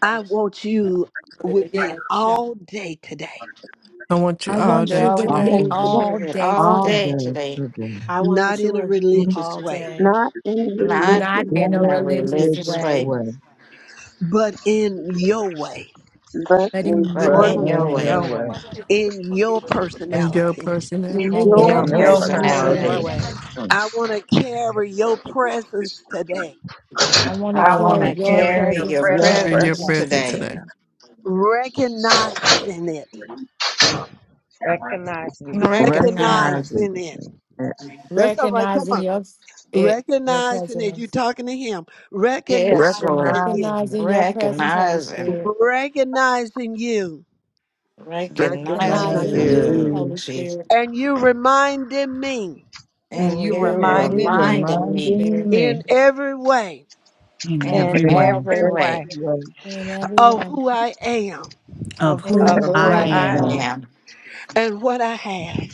I want you with me all day today,
want you
I
I'm
all
want
day
you with
today
me
drawing
offering
you
all
it
day
all
all
today,
day
the
today,
children,
I
not
want you
in a
with me
not
religious
all
way,
day,
not in
not
not
religion,
in
in
in
a
a
a
religious
In a
religious
religious
way,
way,
way,
religious heart.
but in your way,
but
but
in
in
but
but
But
your
in
your
in
your
in
way,
your
your
way,
way,
way,
in your
in your
personality.
in
personality,
in
in
in
your
your
in
your
your
but
joy,
in
personality.
personality.
your
personality.
personality.
way,
I want to carry your presence today,
I want to
I
I
I
want
want
carry
want
to
to
to
your
carry
carry
carry
your
presence
your
your
presence
today,
in your
today,
presence
presence
presence
today,
today
today.
God.
recognizing it,
recognizing
and
you,
recognize,
recognizing
recognizing it.
it,
That's all right. Come
recognizing
on.
your it, your
Recognizing it. you
presence,
talking to him.
yes,
Recognizing
Lord,
it.
recognizing it,
recognizing your presence, Holy
recognizing,
Spirit,
Recognizing you.
in
recognizing
you,
recognizing
recognizing
recognizing
you,
you,
you,
you,
Holy Spirit.
Jesus,
And you reminding me
and
And
and
you
you
you
and you
reminded
reminding
me,
me
reminding
Holy
me
Spirit,
reminding me.
in every way
in
in
in
every
And
way
every
every
every
way
way
way
in every
of
way,
who I am
of
of
in
who
of
of
who
who
of
who
I
who
I
who
I
I
I
am
am,
am
am
and what I have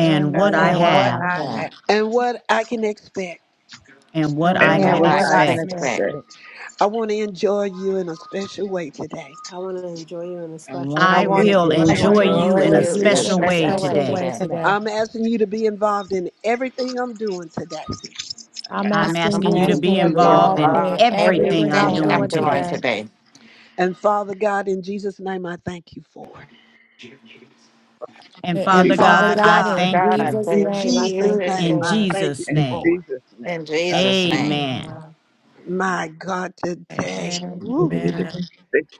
and
am
what
what
and
I
I
and
what
what
I
what
I
have
have,
I
have
have
have
and what I can expect.
and what
and
and
I
what
and
what
can
I
and
what
I
could
what
I
I
can
can
expect.
can
expect.
expect.
expect.
expect.
I want to enjoy you in a special way today.
I want to enjoy you in a
I
special
want
I
I
way
to
want to
will
I
enjoy
want
I
to
enjoy
you
want
enjoy
to
in a
you
you
enjoy
in
in
a
enjoy
a
you
special
in
you
a
way
special
in a
special
way
today.
special
way
way
special
today.
way
today.
today.
today.
I'm asking you to be involved in everything I'm doing today.
I'm
I'm
asking
I
I'm
asking
I'm
asking
you
you
have
to
to
you
be
be
asking
to
to
you
be
be
to be
involved
involved
in
involved
involved
today.
in
in
involved
in
in
every
everything
everything
I'm
everything
I'm
plan
everything I'm
I'm
doing
doing
and
doing
doing
today.
today.
today.
future
today.
And Father God, in Jesus' name, I thank you for it.
And
And
And
and
Father
contingencies.
Father
Father
God, I
God,
God,
Lord
in
thank
God, I
you
Jesus'
in
thank
name, I
you
Jesus'
thank you
name,
in
in,
I
for
thank you
Jesus'
In
for it.
name.
Jesus'
in
name, I
Jesus'
it.
thank
name.
Amen.
Amen.
My God, today.
Amen.
Woo.
Amen.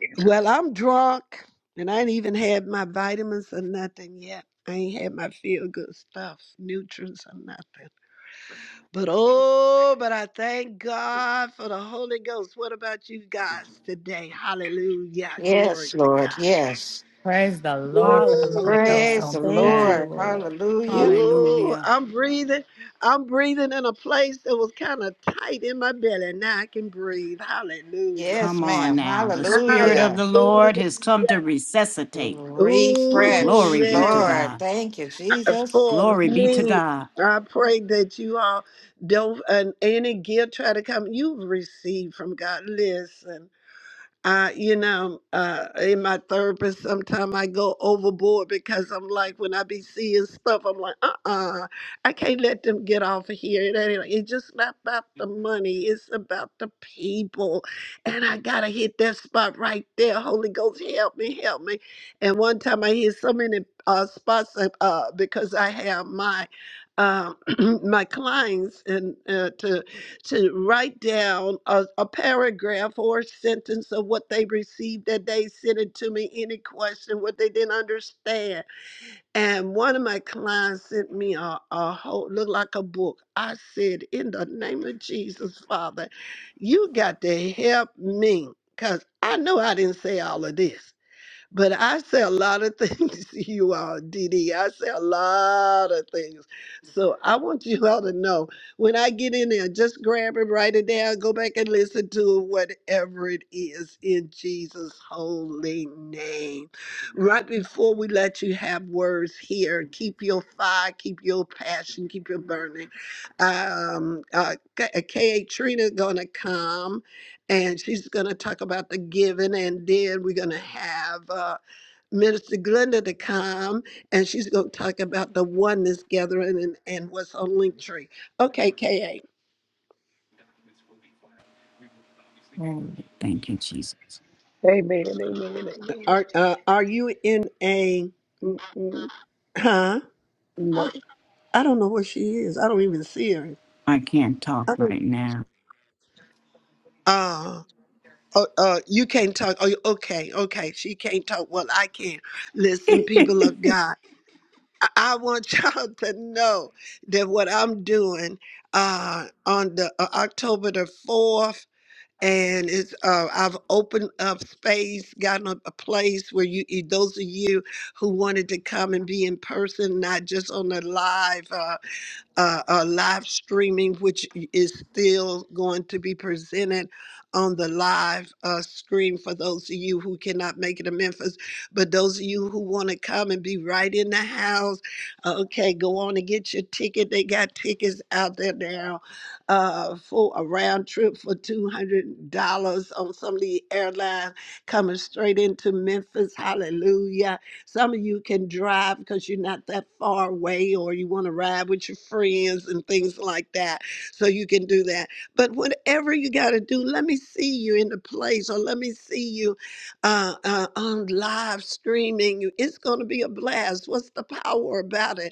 you.
Well, I'm drunk and I ain't even had my vitamins or nothing yet. I ain't had my feel good stuff, nutrients or nothing. But oh, but I thank God for the Holy Ghost. What about you guys today? Hallelujah. Glory
Yes,
to God.
Lord, yes.
Praise the Lord for the
Ooh,
Holy Ghost
Hallelujah.
Praise
on
the
Thank
today.
you,
Lord.
Lord.
Hallelujah.
ooh,
Hallelujah.
I'm breathing. I'm breathing in a place that was kind of tight in my belly. Now I can breathe. Hallelujah.
Yes,
Come on
ma'am.
now. The Spirit of
Hallelujah.
the
Hallelujah.
Lord has come to resuscitate. Ooh,
Ooh,
Refresh,
glory be to
yeah.
Lord.
God.
Thank you,
Uh,
Jesus.
For
Glory be to
me,
God.
I pray that you all don't, and any gift try to come, you've received from God. Listen. I, you know, uh, in my therapist, sometimes I go overboard because I'm like, when I be seeing stuff, I'm like, uh uh I can't let them get off of here. It ain't, it's just not about the money, it's about the people. And I got to hit that spot right there. Holy Ghost, help me, help me. And one time I hit so many uh, spots uh, uh, because I have my. Um, my clients and uh, to to write down a, a paragraph or a sentence of what they received that day, sent it to me, any question, what they didn't understand. And one of my clients sent me a, a whole, look like a book. I said, in the name of Jesus, Father, you got to help me because I know I didn't say all of this. But I say a lot of things you all, Dee Dee. I say a lot of things. So I want you all to know when I get in there, just grab it, write it down, go back and listen to it, whatever it is in Jesus' holy name. Right before we let you have words here, keep your fire, keep your passion, keep your burning. Um, uh, K- K.A. gonna come and she's going to talk about the giving and then we're going to have uh, Minister Glenda to come, and she's going to talk about the oneness gathering and, and what's on Linktree. Okay, Ka,
Glory. Thank you, Jesus.
Amen. Amen. Amen.
are uh, are you in a?
Amen. Mm-mm,
Huh?
no.
I don't know where she is. I don't even see her.
I can't talk
I don't.
right now.
Uh, oh, uh, you can't talk. Oh, okay, okay. She can't talk. Well, I can. Listen, people of God, I, I want y'all to know that what I'm doing uh, on the uh, October the fourth. and it's uh, I've opened up space, gotten a, a place where you eh, those of you who wanted to come and be in person, not just on the live. uh, uh, uh, live streaming, which is still going to be presented on the live uh, stream for those of you who cannot make it to Memphis. But those of you who want to come and be right in the house, uh, okay, go on and get your ticket. They got tickets out there now uh, for a round trip for $200 on some of the airlines coming straight into Memphis. Hallelujah some of you can drive because you're not that far away or you want to ride with your friends and things like that. So you can do that. But whatever you got to do, let me see you in the place or let me see you uh, uh, on live streaming. It's going to be a blast. What's the power about it?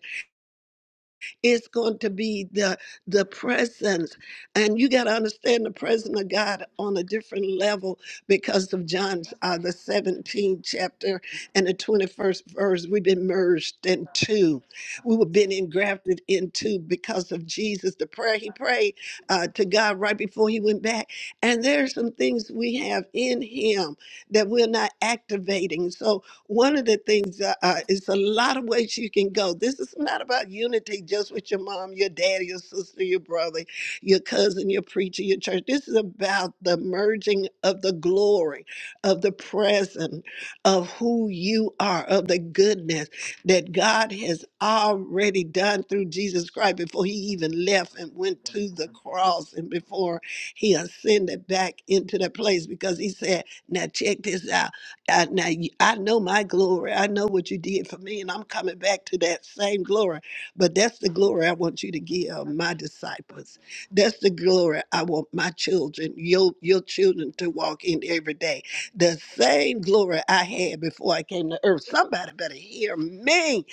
It's going to be the the presence. And you got to understand the presence of God on a different level because of John's uh, the 17th chapter and the 21st verse. We've been merged into. We've been engrafted into because of Jesus. The prayer he prayed uh, to God right before he went back. And there's some things we have in him that we're not activating. So one of the things uh, uh, is a lot of ways you can go. This is not about unity just with your mom, your dad, your sister, your brother, your cousin, your preacher, your church. This is about the merging of the glory, of the present, of who you are, of the goodness that God has already done through Jesus Christ before he even left and went to the cross and before he ascended back into that place because he said, Now check this out. I, now you- I know my glory. I know what you did for me, and I'm coming back to that same glory. But that's the glory I want you to give my disciples. That's the glory I want my children, your your children, to walk in every day. The same glory I had before I came to earth. Somebody better hear me.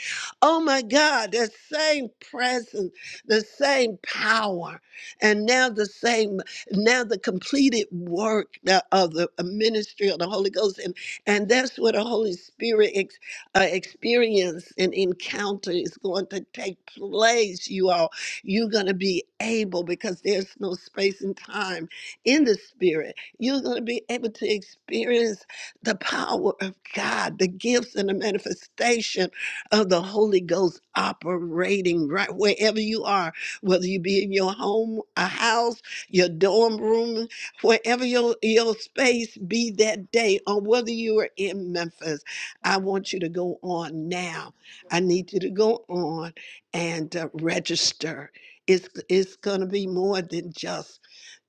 Oh my God, that same presence, the same power, and now the same now the completed work the- of the ministry of the Holy Ghost. And that's what a Holy Spirit ex- uh, experience and encounter is going to take place, you all. You're going to be able, because there's no space and time in the Spirit, you're going to be able to experience the power of God, the gifts and the manifestation of the Holy Ghost operating right wherever you are, whether you be in your home, a house, your dorm room. Wherever your, your space be that day, or whether you are in Memphis, I want you to go on now. I need you to go on and uh, register. It's, it's going to be more than just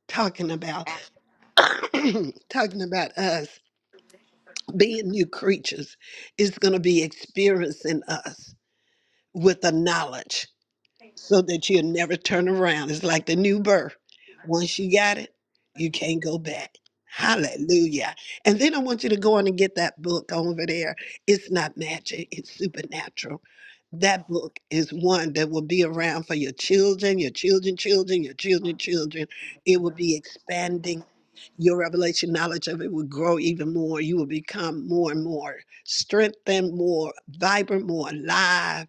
talking about
Uh,
talking about us being new creatures. It's going to be experiencing us with the knowledge. so that you'll never turn around. It's like the new birth. Once you got it, you can't go back. Hallelujah. And then I want you to go on and get that book over there. It's not magic, it's supernatural. That book is one that will be around for your children, your children, children, your children, children. It will be expanding. Your revelation knowledge of it will grow even more. You will become more and more strengthened, more vibrant, more alive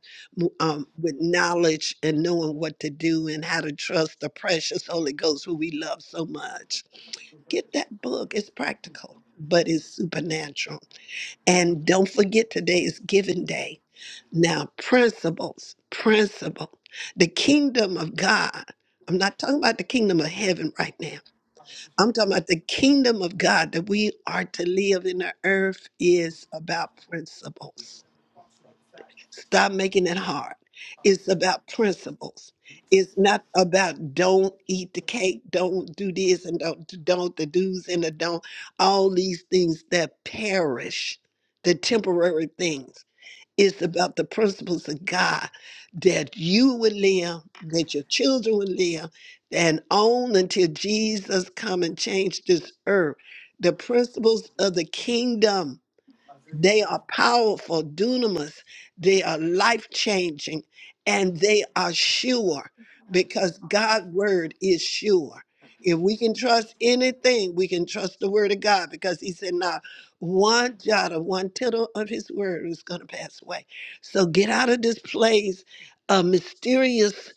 um, with knowledge and knowing what to do and how to trust the precious Holy Ghost who we love so much. Get that book. It's practical, but it's supernatural. And don't forget today is giving day. Now, principles, principle. The kingdom of God. I'm not talking about the kingdom of heaven right now. I'm talking about the kingdom of God that we are to live in the earth is about principles Stop making it hard. It's about principles. It's not about don't eat the cake, don't do this, and don't don't the do's and the don't. All these things that perish, the temporary things. It's about the principles of God that you would live, that your children would live, and on until Jesus come and change this earth. The principles of the kingdom they are powerful, dunamis. They are life changing and they are sure because God's word is sure. If we can trust anything, we can trust the word of God because he said, not one jot or one tittle of his word is going to pass away. So get out of this place of mysterious,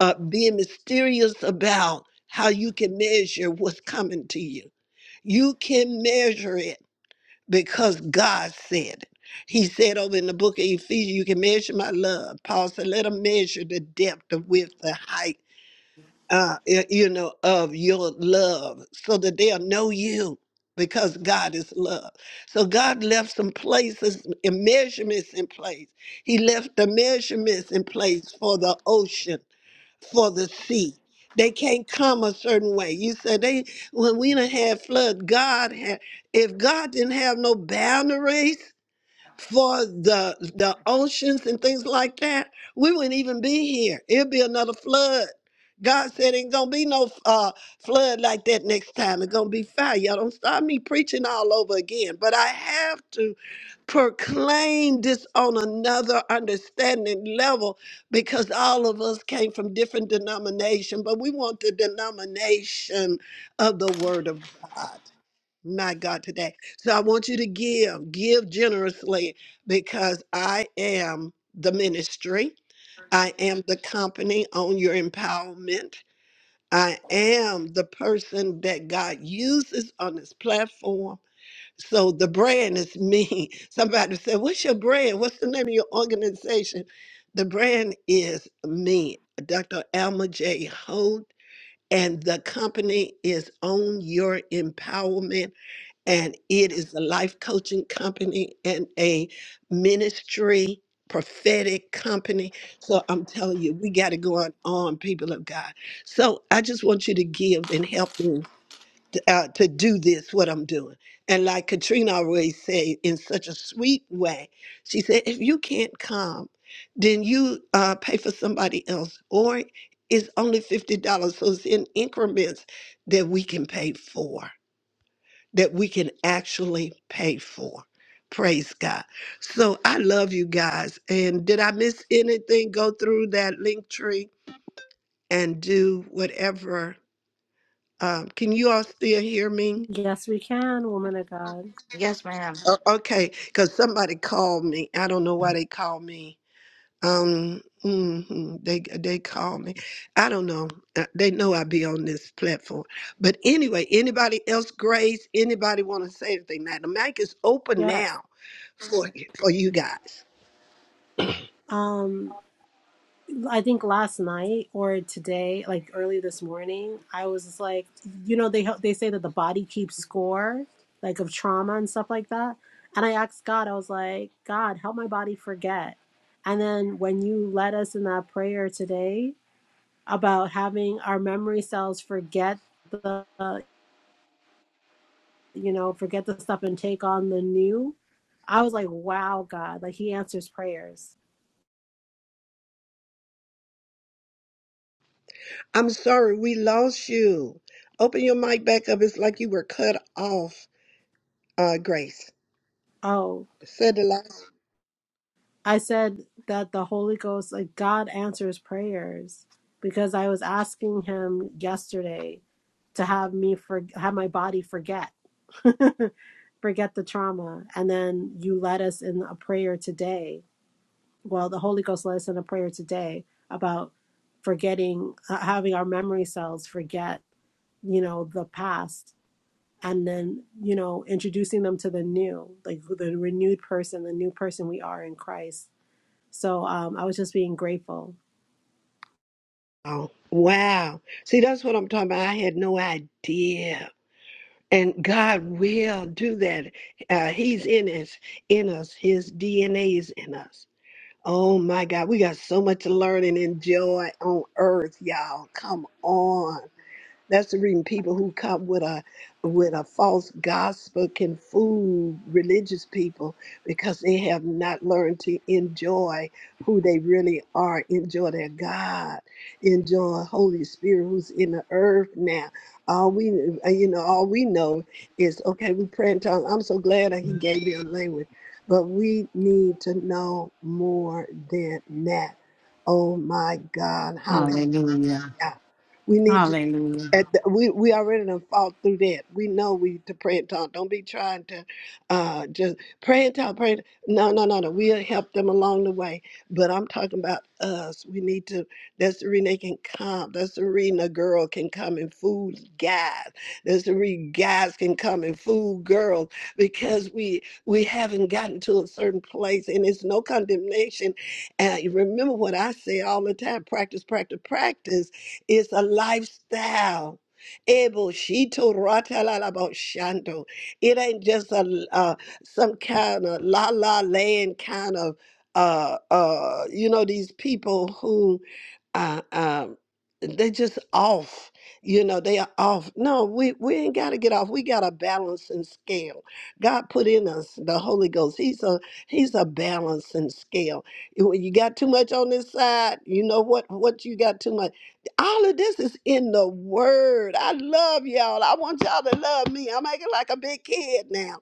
uh, being mysterious about how you can measure what's coming to you. You can measure it because God said it. He said over in the book of Ephesians, you can measure my love. Paul said, let them measure the depth, the width, the height, uh, y- you know, of your love so that they'll know you because God is love. So God left some places and measurements in place. He left the measurements in place for the ocean for the sea. They can't come a certain way. You said they when we done had flood, God had if God didn't have no boundaries, for the the oceans and things like that, we wouldn't even be here. It'd be another flood. God said ain't gonna be no uh, flood like that next time. It's gonna be fire. Y'all don't start me preaching all over again. But I have to proclaim this on another understanding level because all of us came from different denomination, but we want the denomination of the Word of God my God, today. So I want you to give, give generously because I am the ministry. I am the company on your empowerment. I am the person that God uses on this platform. So the brand is me. Somebody said, What's your brand? What's the name of your organization? The brand is me, Dr. Alma J. Holt, and the company is on your empowerment and it is a life coaching company and a ministry prophetic company so i'm telling you we got it going on, people of god so i just want you to give and help me to, uh, to do this what i'm doing and like katrina always said in such a sweet way she said if you can't come then you uh, pay for somebody else or it's only $50 so it's in increments that we can pay for that we can actually pay for. Praise God. So I love you guys. And did I miss anything? Go through that link tree and do whatever. Um, can you all still hear me?
Yes, we can, woman of God.
Yes, ma'am.
O- okay, because somebody called me. I don't know why they called me. Um, mhm, they they called me. I don't know. Uh, They know I be on this platform. But anyway, anybody else, Grace? Anybody want to say anything? Now the mic is open
Yes.
now for you, for you guys.
Um, I think last night or today, like early this morning, I was just like, you know, they they say that the body keeps score, like of trauma and stuff like that. And I asked God, I was like, God, help my body forget. And then when you led us in that prayer today about having our memory cells forget the, uh, you know, forget the stuff and take on the new, I was like, wow, God, like He answers prayers.
I'm sorry we lost you. Open your mic back up. It's like you were cut off, uh, Grace.
Oh,
Said the last.
I said that the Holy Ghost, like God answers prayers because I was asking him yesterday to have me for have my body forget forget the trauma and then you led us in a prayer today well the holy ghost led us in a prayer today about forgetting uh, having our memory cells forget you know the past and then you know introducing them to the new like the renewed person the new person we are in christ so um, I was just being grateful.
Oh, wow. See, that's what I'm talking about. I had no idea. And God will do that. Uh, he's in us, in us. His DNA is in us. Oh my God, we got so much to learn and enjoy on earth, y'all. Come on. That's the reason people who come with a with a false gospel can fool religious people because they have not learned to enjoy who they really are, enjoy their God, enjoy Holy Spirit who's in the earth now. All we uh, you know, all we know is okay, we pray in tongues. I'm so glad that he gave me a language. But we need to know more than that. Oh my God, hallelujah.
Hallelujah.
We need to
Hallelujah.
at the, we we already done fought through that. We know we to pray and talk. Don't be trying to uh, just pray and talk. Pray. and- No, no, no, no. We'll help them along the way. But I'm talking about us. We need to. That's the reason they can come. That's the reason a girl can come and fool guys. That's the reason guys can come and fool girls because we we haven't gotten to a certain place, and it's no condemnation. And remember what I say all the time: practice, practice, practice it's a lifestyle. Ebo shito rata la la bo shando. It ain't just a uh, some kind of la la land kind of uh uh you know these people who uh um they just off you know they are off no we we ain't got to get off we got a balancing scale god put in us the holy ghost he's a he's a balancing scale when you got too much on this side you know what what you got too much all of this is in the word. I love y'all. I want y'all to love me. I'm acting like a big kid now.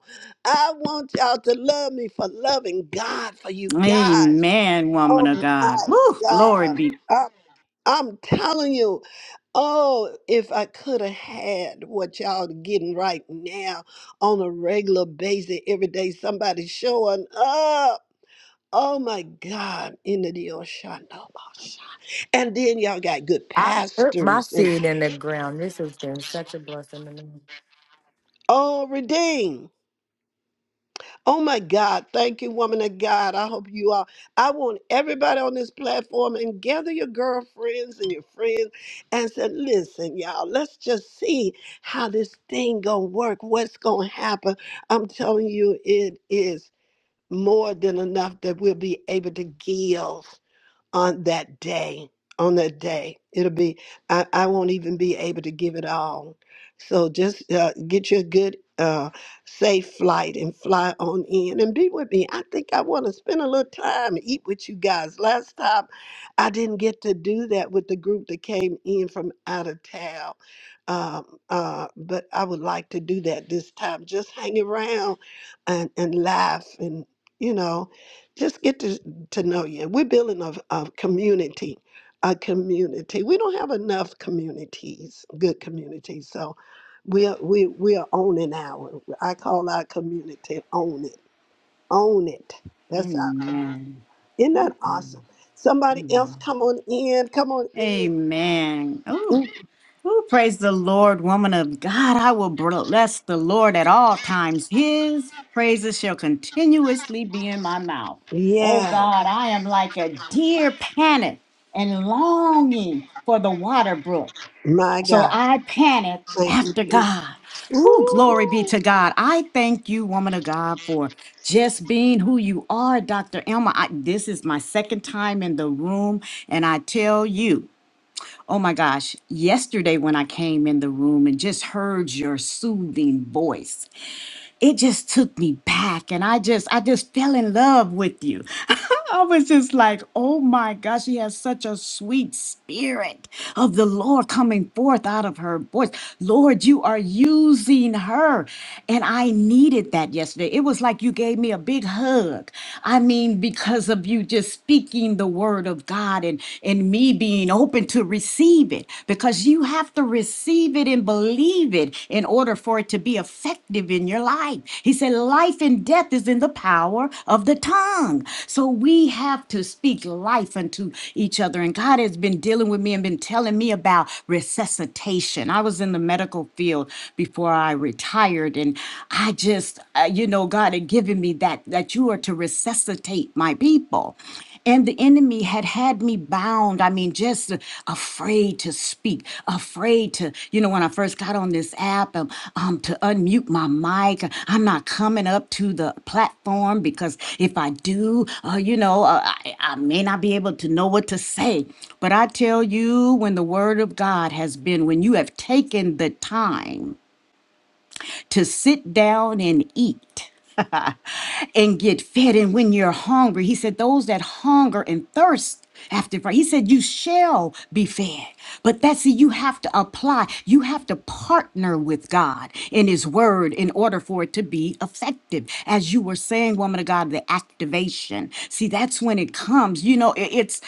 I want y'all to love me for loving God for you guys.
Amen,
Oh
woman of God.
my
Woo, glory
God.
be.
I, I'm telling you, oh, if I could have had what y'all getting right now on a regular basis, every day somebody showing up. Oh my God, in the deal, Shandoma. And then y'all got good
I put my
pastors and
seed in the ground. This has been such a blessing to me.
Oh, redeem. Oh my God. Thank you, woman of God. I hope you are. I want everybody on this platform and gather your girlfriends and your friends and say, listen, y'all, let's just see how this thing gonna work, what's gonna happen. I'm telling you, it is more than enough that we'll be able to give on that day. On that day, it'll be, I, I won't even be able to give it all. So just uh, get you a good, uh, safe flight and fly on in and be with me. I think I want to spend a little time and eat with you guys. Last time, I didn't get to do that with the group that came in from out of town. Um, uh, but I would like to do that this time. Just hang around and, and laugh and, you know, just get to to know you. We're building a, a community, a community. We don't have enough communities, good communities. So we are, we, we are owning our, I call our community own it, own it. That's our community.
Amen.
Isn't that awesome? Somebody else come on in, come on in.
Amen. Ooh,
Mm,
ooh, praise the Lord, woman of God. I will bless the Lord at all times. His praises shall continuously be in my mouth. Oh
Yeah,
God, I am like a deer panic and longing for the water brook.
my
So
God.
I panicked
Thank you.
after
Jesus.
God. Who glory
Ooh.
be to God. I thank you, woman of God, for just being who you are, Dr. Elma. I, this is my second time in the room, and I tell you, oh my gosh, yesterday when I came in the room and just heard your soothing voice it just took me back and I just I just fell in love with you. I was just like, oh my gosh, she has such a sweet spirit of the Lord coming forth out of her voice. Lord, you are using her. And I needed that yesterday. It was like you gave me a big hug. I mean, because of you just speaking the word of God and, and me being open to receive it receive it because you have to receive it and believe it in order for it to be effective in your life. He said, Life and death is in the power of the tongue. So we have to speak life unto each other. And God has been dealing with me and been telling me about resuscitation. I was in the medical field before I retired, and I just, uh, you know, God had given me that, that you are to resuscitate my people. And the enemy had had me bound. I mean, just afraid to speak, afraid to, you know, when I first got on this app, um, um, to unmute my mic. I'm not coming up to the platform because if I do, uh, you know, uh, I, I may not be able to know what to say. But I tell you, when the word of God has been, when you have taken the time, to sit down and eat and get fed. And when you're hungry, he said, those that hunger and thirst after Christ, he said, you shall be fed. But that's it, you have to apply, you have to partner with God in his word in order for it to be effective. As you were saying, woman of God, the activation. See, that's when it comes. You know, it- it's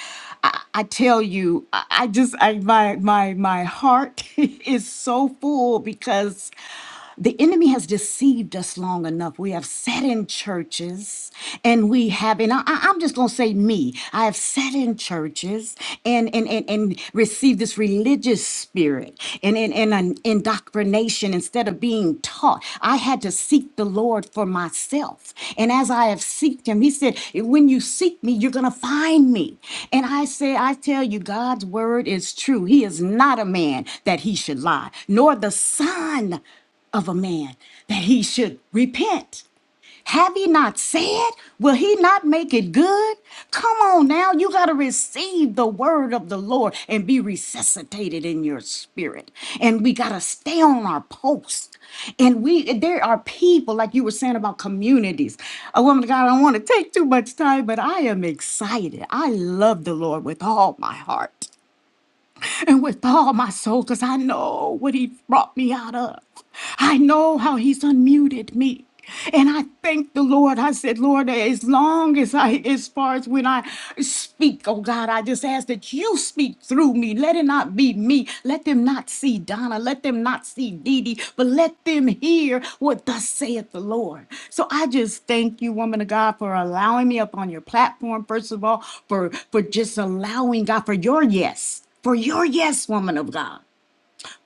I, I tell you, I, I just I my my my heart is so full because the enemy has deceived us long enough. We have sat in churches and we have, and I, am just going to say me, I have sat in churches and, and, and, and received this religious spirit and, and, and an indoctrination instead of being taught. I had to seek the Lord for myself. And as I have seeked him, he said, when you seek me, you're going to find me. And I say, I tell you, God's word is true. He is not a man that he should lie, nor the son of a man that he should repent. Have he not said? Will he not make it good? Come on now, you got to receive the word of the Lord and be resuscitated in your spirit. And we got to stay on our post. And we there are people like you were saying about communities. A woman of God, I don't want to take too much time, but I am excited. I love the Lord with all my heart and with all my soul because I know what He brought me out of. I know how He's unmuted me. And I thank the Lord. I said, Lord, as long as I, as far as when I speak, oh God, I just ask that you speak through me. Let it not be me. Let them not see Donna. Let them not see Dee Dee, but let them hear what thus saith the Lord. So I just thank you, woman of God, for allowing me up on your platform, first of all, for, for just allowing God for your yes for your yes, woman of God.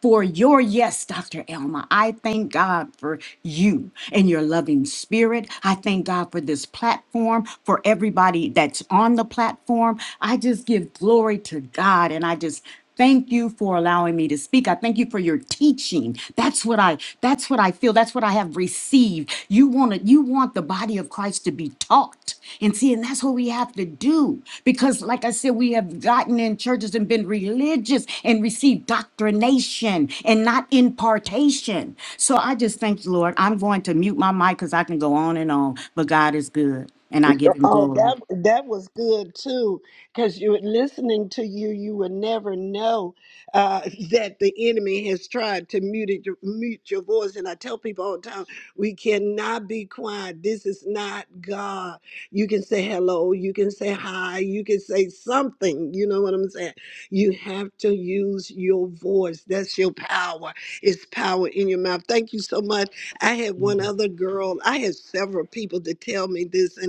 For your yes, Dr. Elma. I thank God for you and your loving spirit. I thank God for this platform, for everybody that's on the platform. I just give glory to God and I just thank you for allowing me to speak. I thank you for your teaching. That's what I that's what I feel. That's what I have received. You want to, you want the body of Christ to be taught. And see, and that's what we have to do. Because, like I said, we have gotten in churches and been religious and received doctrination and not impartation. So I just thank you, Lord. I'm going to mute my mic because I can go on and on, but God is good and I give him
Oh,
glory.
that that was good too, because you were listening to you. You would never know uh, that the enemy has tried to mute it, mute your voice. And I tell people all the time, we cannot be quiet. This is not God. You can say hello. You can say hi. You can say something. You know what I'm saying? You have to use your voice. That's your power. It's power in your mouth. Thank you so much. I had one other girl. I had several people to tell me this, and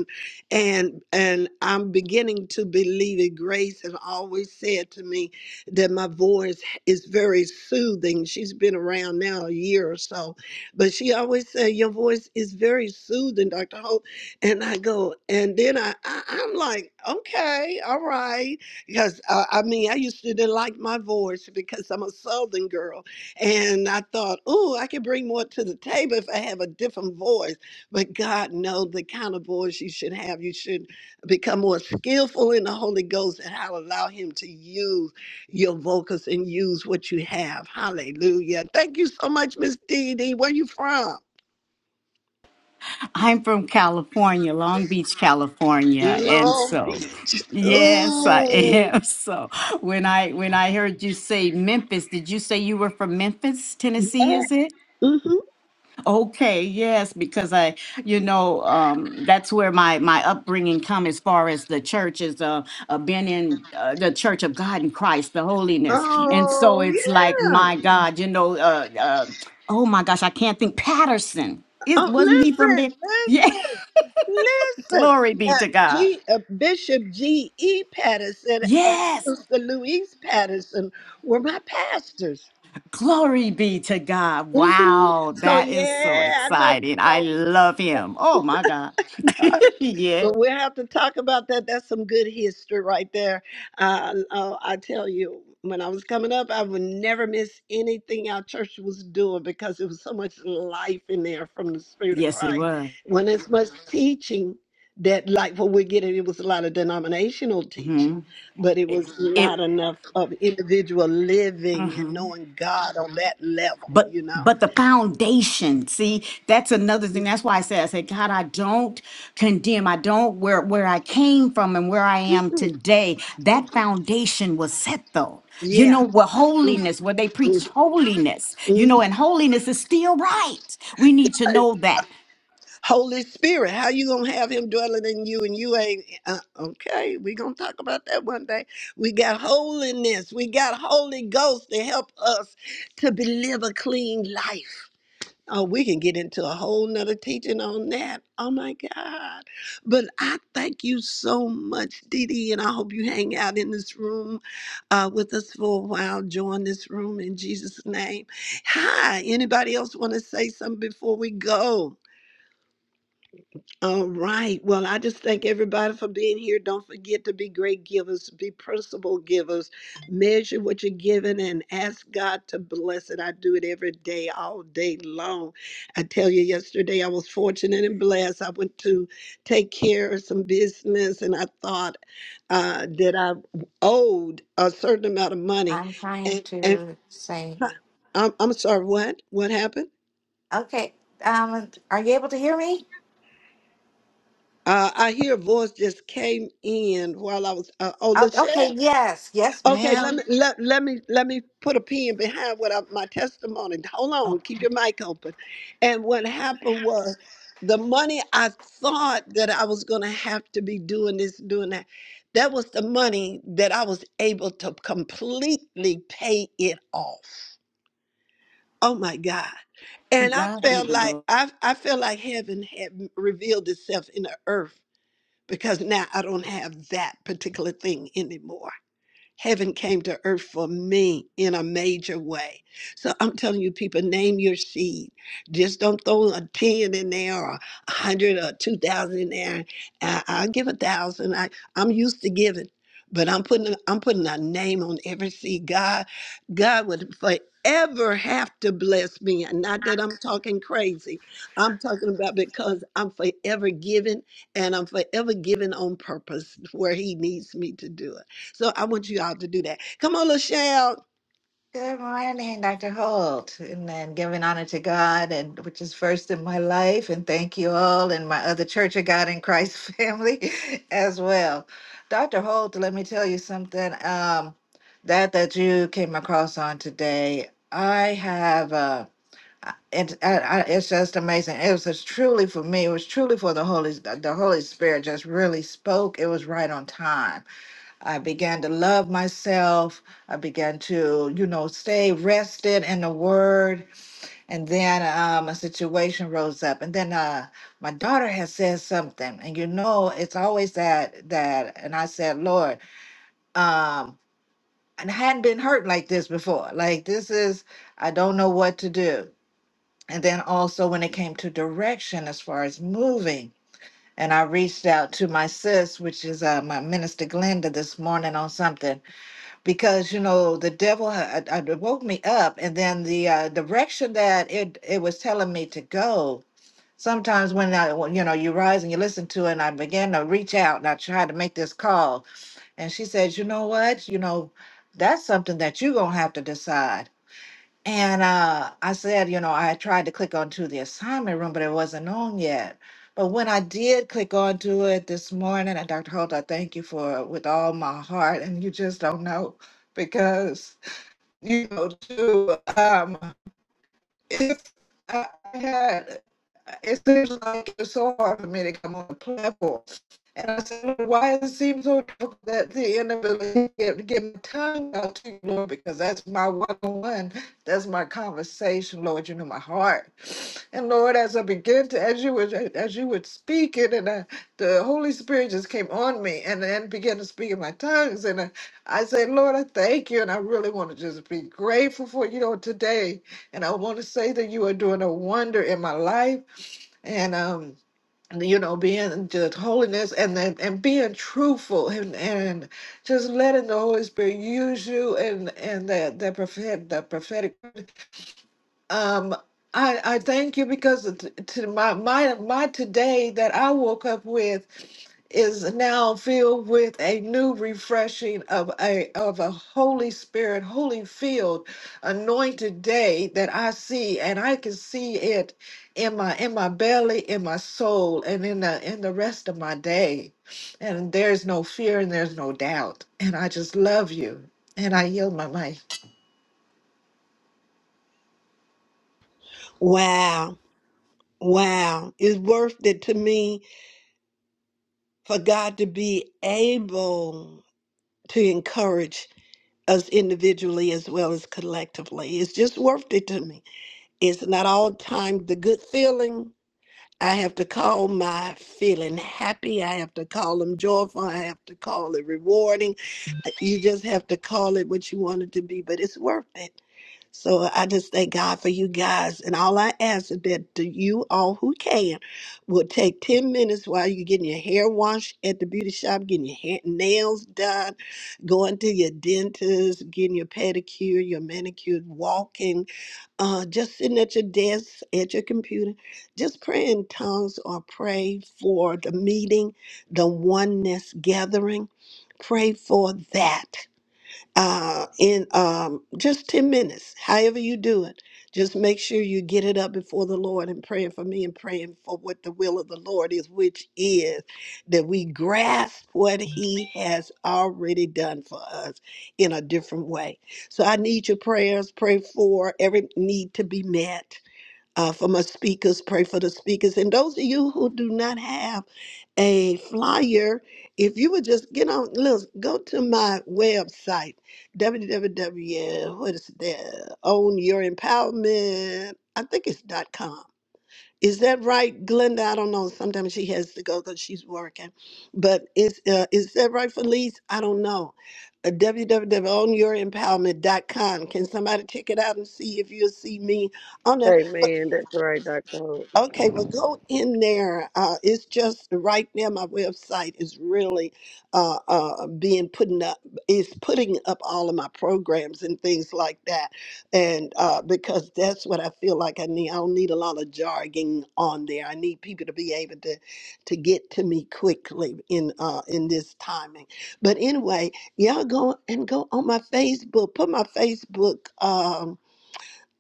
and and I'm beginning to believe it. Grace has always said to me that my voice is very soothing. She's been around now a year or so, but she always said your voice is very soothing, Dr. Hope. And I go, and then I, I I'm like, okay, all right, because uh, I mean I used to didn't like my voice because I'm a Southern girl, and I thought, oh, I could bring more to the table if I have a different voice but God knows the kind of voice you should have. You should become more skillful in the Holy Ghost and how to allow Him to use your vocals and use what you have. Hallelujah. Thank you so much, Miss Dee Dee. Where you from?
I'm from California, Long Beach, California, and
Long
so
Beach.
yes, I
Ooh,
am. So when I when I heard you say Memphis, did you say you were from Memphis, Tennessee,
yeah.
is it?
Mm-hmm.
Okay, yes, because I, you know, um, that's where my my upbringing come as far as the church is uh, uh been in uh, the Church of God in Christ, the holiness, and so
Oh,
it's like
yeah.
my God, you know, uh, uh, oh my gosh, I can't think Patterson. It
Oh,
wasn't he from
listen,
there? Yeah,
listen, listen.
Glory be
Now,
to God.
G, uh, Bishop G.E. Patterson and
Yes.
Sister Louise Patterson were my pastors.
Glory be to God.
hmm
Wow.
So
That is so
yeah, I know.
exciting. I
So,
love him. Oh my God. yeah.
but we'll have to talk about that. That's some good history right there. Uh, uh, I tell you, when I was coming up, I would never miss anything our church was doing because there was so much life in there from the Spirit of
Yes, it
Christ.
was.
When it's much teaching that, like what we're getting, it was a lot of denominational teaching,
hmm
but it
It,
was not
it
enough of individual living and
mhm.
knowing God on that level,
but
you know?
but the foundation see that's another thing that's why i said i said god i don't condemn i don't where where i came from and where i am
Mhm.
today that foundation was set though you know
Yeah.
where
Mm-hmm.
holiness where they preach holiness you know
Mhm.
and holiness is still right we need to know that
Holy Spirit, how you gonna have him dwelling in you and you ain't uh, okay? We gonna talk about that one day. We got holiness. We got Holy Ghost to help us to be- live a clean life. Oh, we can get into a whole nother teaching on that. Oh my God. But I thank you so much, Dee Dee, and I hope you hang out in this room uh, with us for a while. Join this room in Jesus' name. Hi, anybody else want to say something before we go? All right. Well, I just thank everybody for being here. Don't forget to be great givers, be principal givers. Measure what you're giving and ask God to bless it. I do it every day, all day long. I tell you, yesterday I was fortunate and blessed. I went to take care of some business and I thought uh, that I owed a certain amount of money.
I'm trying
And, and
to say.
I'm, I'm sorry, what? What happened?
Okay. Um, are you able to hear me?
Uh, I hear a voice just came in while I was. Uh, oh,
Oh,
Lachelle.
okay. Yes. Yes,
Okay, let
ma'am.
me let, let me let me put a pin behind what I, my testimony. Hold
Oh.
on, keep your mic open. And what happened was the money I thought that I was going to have to be doing this, doing that. That was the money that I was able to completely pay it off. Oh my God!
to
And I
god be
felt
the
like
glory
I I felt like heaven had revealed itself in the earth because now I don't have that particular thing anymore. Heaven came to earth for me in a major way. So I'm telling you, people, name your seed. Just don't throw a 10 in there or a 100 or 2,000 in there. I, I'll give a thousand. I, I'm used to giving, but I'm putting, I'm putting a name on every seed. God, God would forever have to bless me. And not that I'm talking crazy. I'm talking about because I'm forever giving and I'm forever giving on purpose where he needs me to do it. So I want you all to do that. Come on, LaShawn.
Good morning, Dr. Holt. And then giving honor to God, and which is first in my life. And thank you all and my other Church of God in Christ family as well. Dr. Holt, let me tell you something. Um, that that you came across on today, I have. uh, I- it, I, I, it's just amazing. It was just truly for me. It was truly for the Holy. The the Holy Spirit just really spoke. It was right on time. I began to love myself. I began to, you know, stay rested in the Word. And then um, a situation rose up. And then uh, my daughter had said something. And you know, it's always that that. And I said, Lord, um, and I hadn't been hurt like this before. Like this is. I don't know what to do and then also when it came to direction as far as moving, and I reached out to my sis, which is uh, my minister Glenda, this morning on something because you know the devil had, had woke me up, and then the uh, direction that it it was telling me to go. Sometimes when I when, you know you rise and you listen to it, and I began to reach out and I tried to make this call, and she said, you know what, you know. That's something that you're gonna have to decide and uh, I said, you know, I had tried to click onto the assignment room, but it wasn't on yet. But when I did click onto it this morning, and Dr. Holt, I thank you for it with all my heart. And you just don't know because, you know, too. Um, if I had, it seems like it's so hard for me to come on the platform. And I said, "Lord, why does it seems so difficult that the inability to get, get my tongue out to you, Lord, because that's my one-on-one, that's my conversation, Lord. You know my heart, and Lord, as I begin to, as you would, as you would speak it, and I, the Holy Spirit just came on me and then began to speak in my tongues, and I, I said, Lord, I thank you, and I really want to just be grateful for you, know, today. And I want to say that you are doing a wonder in my life. And, um, you know, being just holiness and then and being truthful and, and just letting the Holy Spirit use you and and that that prophet the prophetic um I I thank you because t- to my my my today that I woke up with is now filled with a new refreshing of a of a Holy Spirit, holy filled, anointed day that I see, and I can see it in my in my belly, in my soul, and in the in the rest of my day. And there's no fear and there's no doubt. And I just love you. And I yield my mic.
Wow. Wow. It's worth it to me for God to be able to encourage us individually as well as collectively. It's just worth it to me. It's not all time the good feeling. I have to call my feeling happy. I have to call them joyful. I have to call it rewarding. You just have to call it what you want it to be, but it's worth it. So I just thank God for you guys. And all I ask is that the- you all who can will take 10 minutes while you're getting your hair washed at the beauty shop, getting your hair, nails done, going to your dentist, getting your pedicure, your manicure, walking, uh, just sitting at your desk, at your computer, just pray in tongues or pray for the meeting, the oneness gathering. Pray for that uh, in um, just 10 minutes, however you do it. Just make sure you get it up before the Lord and praying for me and praying for what the will of the Lord is, which is that we grasp what He has already done for us in a different way. So I need your prayers. Pray for every need to be met. Uh, for my speakers, pray for the speakers. And those of you who do not have a flyer. If you would just get on, look, go to my website, www. What is that? Own Your Empowerment. I think it's dot com. Is that right, Glenda? I don't know. Sometimes she has to go because she's working. But is uh, is that right, Felice? I don't know. Uh, www dot own your empowerment dot com. Can somebody check it out and see if you'll see me on there?
Amen. That's right, Dr. Hope.
Okay, well, go in there. Uh, it's just right now. My website is really uh, uh, being putting up is putting up all of my programs and things like that, and uh, because that's what I feel like I need. I don't need a lot of jargon on there. I need people to be able to to get to me quickly in uh, in this timing. But anyway, y'all go and go on my Facebook. Put my Facebook. Um,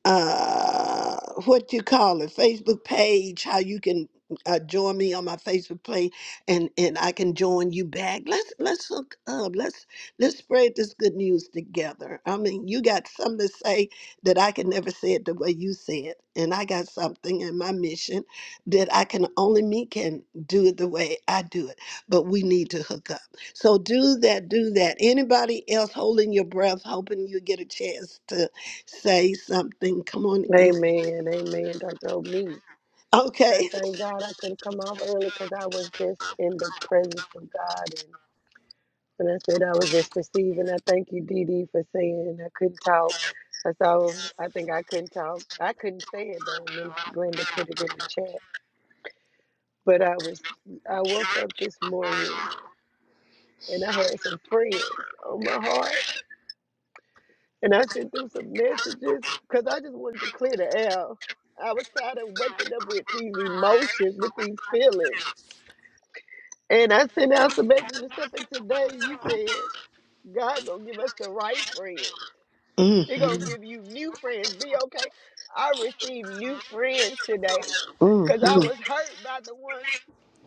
uh what you call it facebook page how you can uh, join me on my facebook page and and i can join you back let's let's hook up let's let's spread this good news together i mean you got something to say that i can never say it the way you say it and i got something in my mission that i can only me can do it the way i do it but we need to hook up so do that do that anybody else holding your breath hoping you get a chance to say something. Come on in.
Amen. Amen, Dr. Hope. Me. I
Okay.
thank God I could come off early because I was just in the presence of God. And when I said I was just receiving, I thank you, Dee Dee, for saying I couldn't talk. That's all. I think I couldn't talk. I couldn't say it though. Miss Glenda put it in the chat. But I was, I woke up this morning and I had some friends on my heart. And I sent them some messages because I just wanted to clear the air. I was tired of waking up with these emotions, with these feelings. And I sent out some and stuff, and today you said God gonna give us the right friends.
hmm
He gonna give you new friends. Be okay. I received new friends today,
mm
cause I was hurt by the ones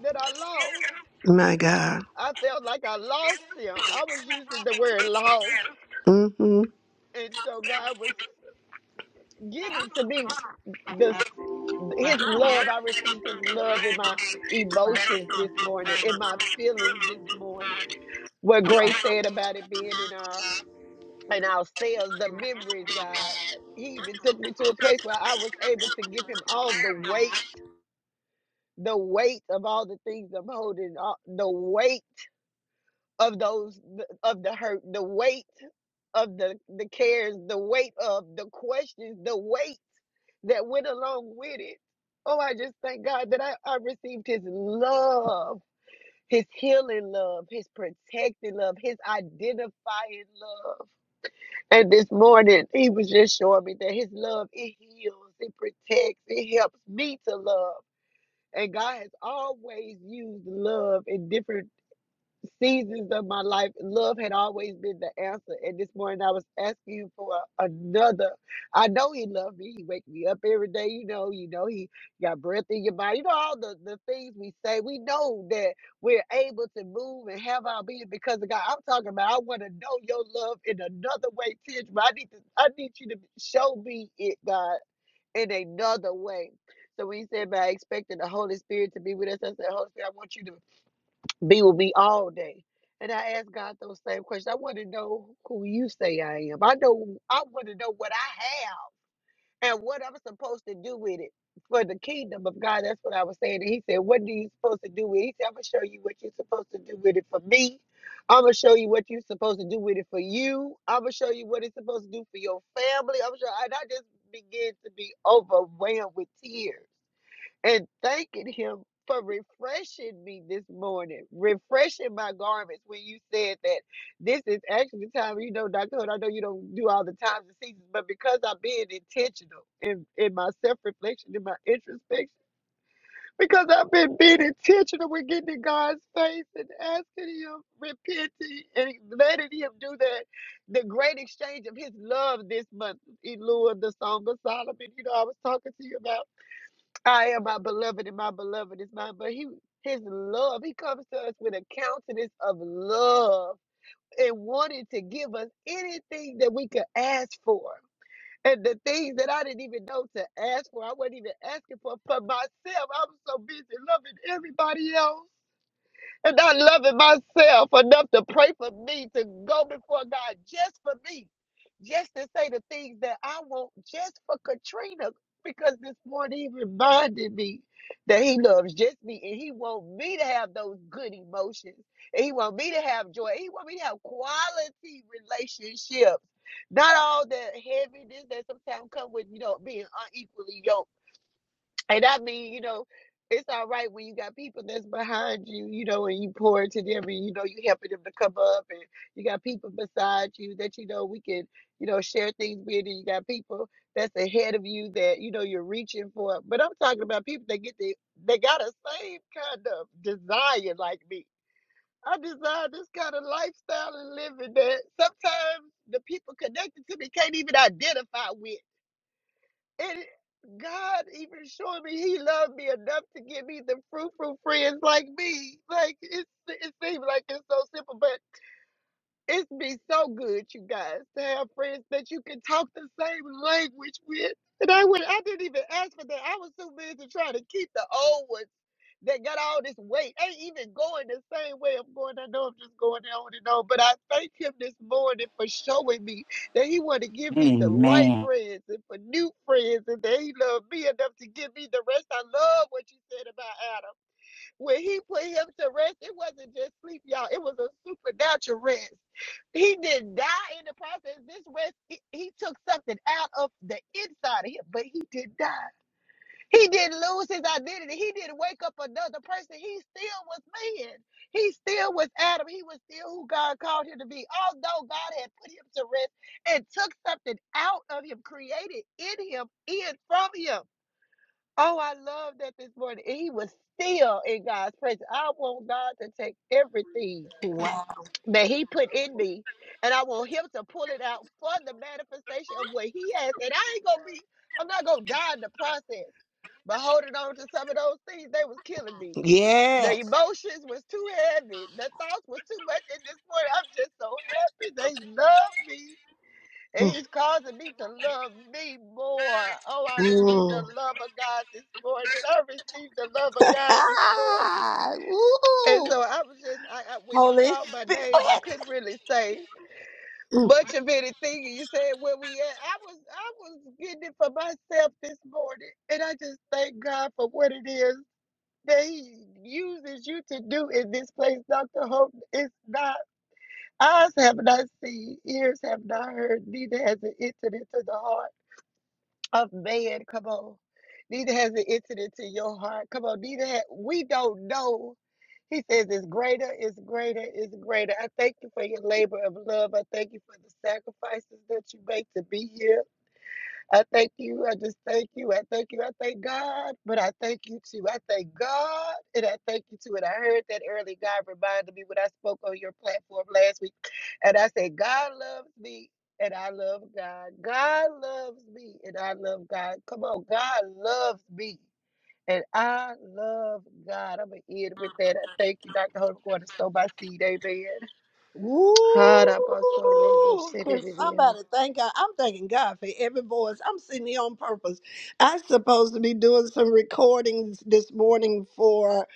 that I lost.
My God.
I felt like I lost them. I was using the word lost,
hmm
and so God was giving to me this His love. I received His love in my emotions this morning, in my feelings this morning. What Grace said about it being in our and ourselves the memories, God. He even took me to a place where I was able to give him all the weight, the weight of all the things I'm holding, all, the weight of those of the hurt, the weight of the the cares, the weight of the questions, the weight that went along with it. Oh, I just thank God that I, I received his love, his healing love, his protecting love, his identifying love. And this morning, he was just showing me that his love, it heals, it protects, it helps me to love. And God has always used love in different seasons of my life, love had always been the answer. And this morning I was asking him for a- another. I know he loved me. He wakes me up every day. You know, you know, he got breath in your body. You know, all the, the things we say. We know that we're able to move and have our being because of God. I'm talking about I want to know your love in another way, tangible. I need to I need you to show me it, God, in another way. So when you said about expecting the Holy Spirit to be with us, I said, Holy Spirit, I want you to be with me all day. And I asked God those same questions. I want to know who you say I am. I know I want to know what I have and what I'm supposed to do with it for the kingdom of God. That's what I was saying. And he said, What do you supposed to do with it? He said, I'm gonna show you what you're supposed to do with it for me. I'm gonna show you what you're supposed to do with it for you. I'm gonna show you what it's supposed to do for your family. I'm sure and I just began to be overwhelmed with tears and thanking him for refreshing me this morning, refreshing my garments when you said that this is actually the time, you know, Dr. Hood, I know you don't do all the times and seasons, but because I've been intentional in, in my self-reflection, in my introspection, because I've been being intentional with getting in God's face and asking him, repenting and letting him do that, the great exchange of his love this month, Elua, the Song of Solomon, you know, I was talking to you about I am my beloved, and my beloved is mine. But he, his love, he comes to us with a countenance of love and wanted to give us anything that we could ask for. And the things that I didn't even know to ask for, I wasn't even asking for for myself. I was so busy loving everybody else and not loving myself enough to pray for me, to go before God just for me, just to say the things that I want just for Katrina, because this morning he reminded me that he loves just me and he wants me to have those good emotions. And he wants me to have joy. He wants me to have quality relationships. Not all that heaviness that sometimes come with, you know, being unequally yoked and I mean, you know, it's all right when you got people that's behind you, you know, and you pour into them and you know you helping them to come up and you got people beside you that you know we can, you know, share things with and you got people that's ahead of you that, you know, you're reaching for. But I'm talking about people that get the they got a same kind of desire like me. I desire this kind of lifestyle and living that sometimes the people connected to me can't even identify with. And God even showed me He loved me enough to give me the fruitful friends like me. Like it's it seems like it's so simple, but it's been so good, you guys, to have friends that you can talk the same language with. And I would I didn't even ask for that. I was too busy trying to keep the old ones that got all this weight ain't even going the same way I'm going. I know I'm just going on and on, but I thank him this morning for showing me that he wanted to give me the right
amen
friends and for new friends, and that he loved me enough to give me the rest. I love what you said about Adam. When he put him to rest, it wasn't just sleep, y'all. It was a supernatural rest. He didn't die in the process. This rest, he, he took something out of the inside of him, but he did die. He didn't lose his identity. He didn't wake up another person. He still was man. He still was Adam. He was still who God called him to be. Although God had put him to rest and took something out of him, created in him, in from him. Oh, I love that this morning. And he was still in God's presence. I want God to take everything
Wow.
that he put in me and I want him to pull it out for the manifestation of what he has. And I ain't gonna be, I'm not gonna die in the process. But holding on to some of those things, they was killing me.
Yes.
The emotions was too heavy. The thoughts was too much. At this point, I'm just so happy that he loved me. And
Mm.
he's causing me to love me more. Oh, I received the love of God this morning. I received the love of God this morning.
Ah,
And
woo.
so I was just, I, I when you
Holy.
called my
Go
name, I
ahead.
couldn't really say much of anything you said where we at. I was I was getting it for myself this morning. And I just thank God for what it is that he uses you to do in this place, Dr. Hope. It's not eyes have not seen, ears have not heard, neither has it entered into the heart of man. Come on. Neither has it entered into your heart. Come on, neither ha we don't know he says, It's greater, it's greater, it's greater. I thank you for your labor of love. I thank you for the sacrifices that you make to be here. I thank you. I just thank you. I thank you. I thank God. But I thank you too. I thank God and I thank you too. And I heard that early. God reminded me when I spoke on your platform last week. And I said, God loves me. And I love God. God loves me and I love God. Come on, God loves me. And I love God. I'm going to end with that. I thank you, Dr. Hope, going to sow my seed. Amen.
Ooh! Can
Ha-da-ba-so-ro-bo-shi-di-di-di-ya.
somebody thank God? I'm thanking God for every voice. I'm sitting here on purpose. I'm supposed to be doing some recordings this morning for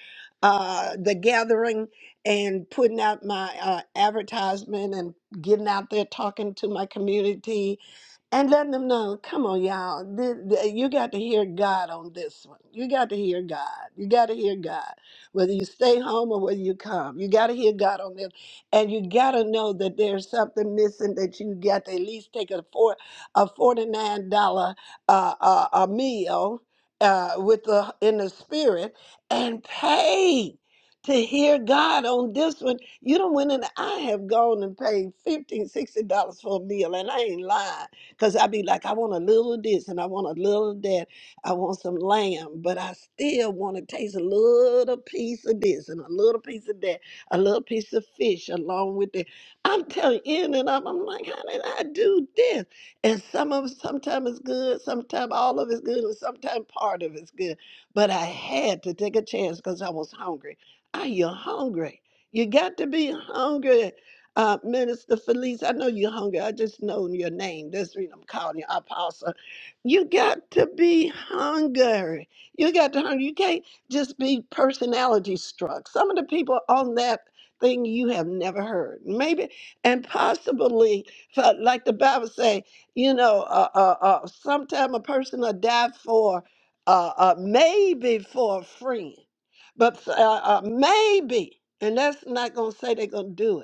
uh, the gathering and putting out my uh, advertisement and getting out there talking to my community and letting them know, come on, y'all, th- th- you got to hear God on this one. You got to hear God. You got to hear God, whether you stay home or whether you come. You got to hear God on this, and you got to know that there's something missing that you got to at least take a four a forty nine dollar uh, uh, a meal uh, with the in the spirit and pay. To hear God on this one, you don't went and I have gone and paid fifteen, sixty dollars for a meal, and I ain't lying because I be like, I want a little of this and I want a little of that. I want some lamb, but I still want to taste a little piece of this and a little piece of that, a little piece of fish along with it. I'm telling you, in and out, I'm like, how did I do this? And some of sometimes it's good, sometimes all of it's good, and sometimes part of it's good. But I had to take a chance because I was hungry. Are you hungry? You got to be hungry. Uh, Minister Felice, I know you're hungry. I just know your name. That's the reason I'm calling you apostle. You got to be hungry. You got to hungry. You can't just be personality struck. Some of the people on that thing you have never heard. Maybe and possibly, uh, like the Bible say, you know, uh, uh, uh, sometime a person will die for, uh, uh, maybe for a friend, but uh, uh, maybe, and that's not gonna say they're gonna do it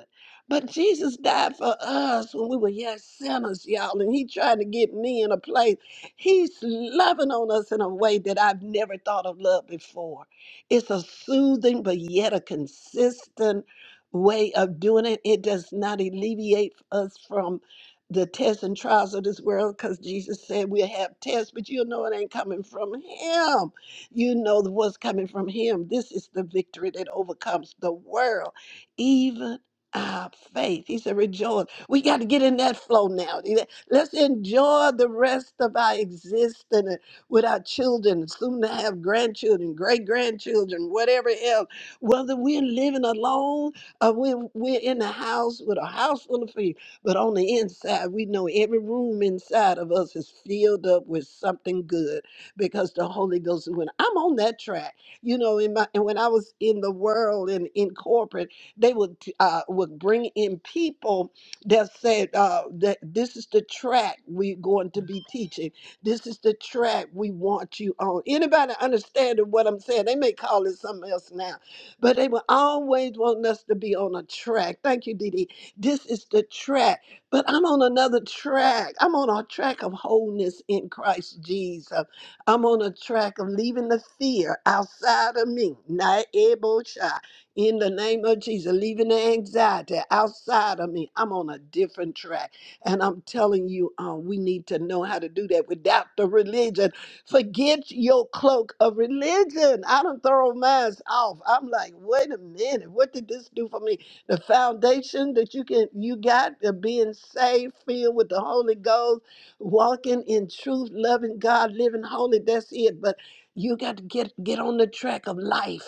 but Jesus died for us when we were yet sinners, y'all, and He tried to get me in a place. He's loving on us in a way that I've never thought of love before. It's a soothing but yet a consistent way of doing it. It does not alleviate us from the tests and trials of this world because Jesus said we'll have tests, but you know it ain't coming from Him. You know what's coming from Him. This is the victory that overcomes the world even. Ah, faith. He said, rejoice. We got to get in that flow now. He said, Let's enjoy the rest of our existence with our children, soon to have grandchildren, great grandchildren, whatever else. Whether we're living alone or we're, we're in the house with a house full of people, but on the inside, we know every room inside of us is filled up with something good because the Holy Ghost is when I'm on that track. You know, in my, and when I was in the world and in corporate, they would uh, would bring in people that said uh, that this is the track we're going to be teaching. This is the track we want you on. Anybody understanding what I'm saying? They may call it something else now, but they will always want us to be on a track. Thank you, Dee Dee. This is the track. But I'm on another track. I'm on a track of wholeness in Christ Jesus. I'm on a track of leaving the fear outside of me. Not able shy. In the name of Jesus, leaving the anxiety outside of me, I'm on a different track. And I'm telling you, uh, we need to know how to do that without the religion. Forget your cloak of religion. I don't throw mine off. I'm like, wait a minute, what did this do for me? The foundation that you can you got of being saved, filled with the Holy Ghost, walking in truth, loving God, living holy. That's it. But you got to get get on the track of life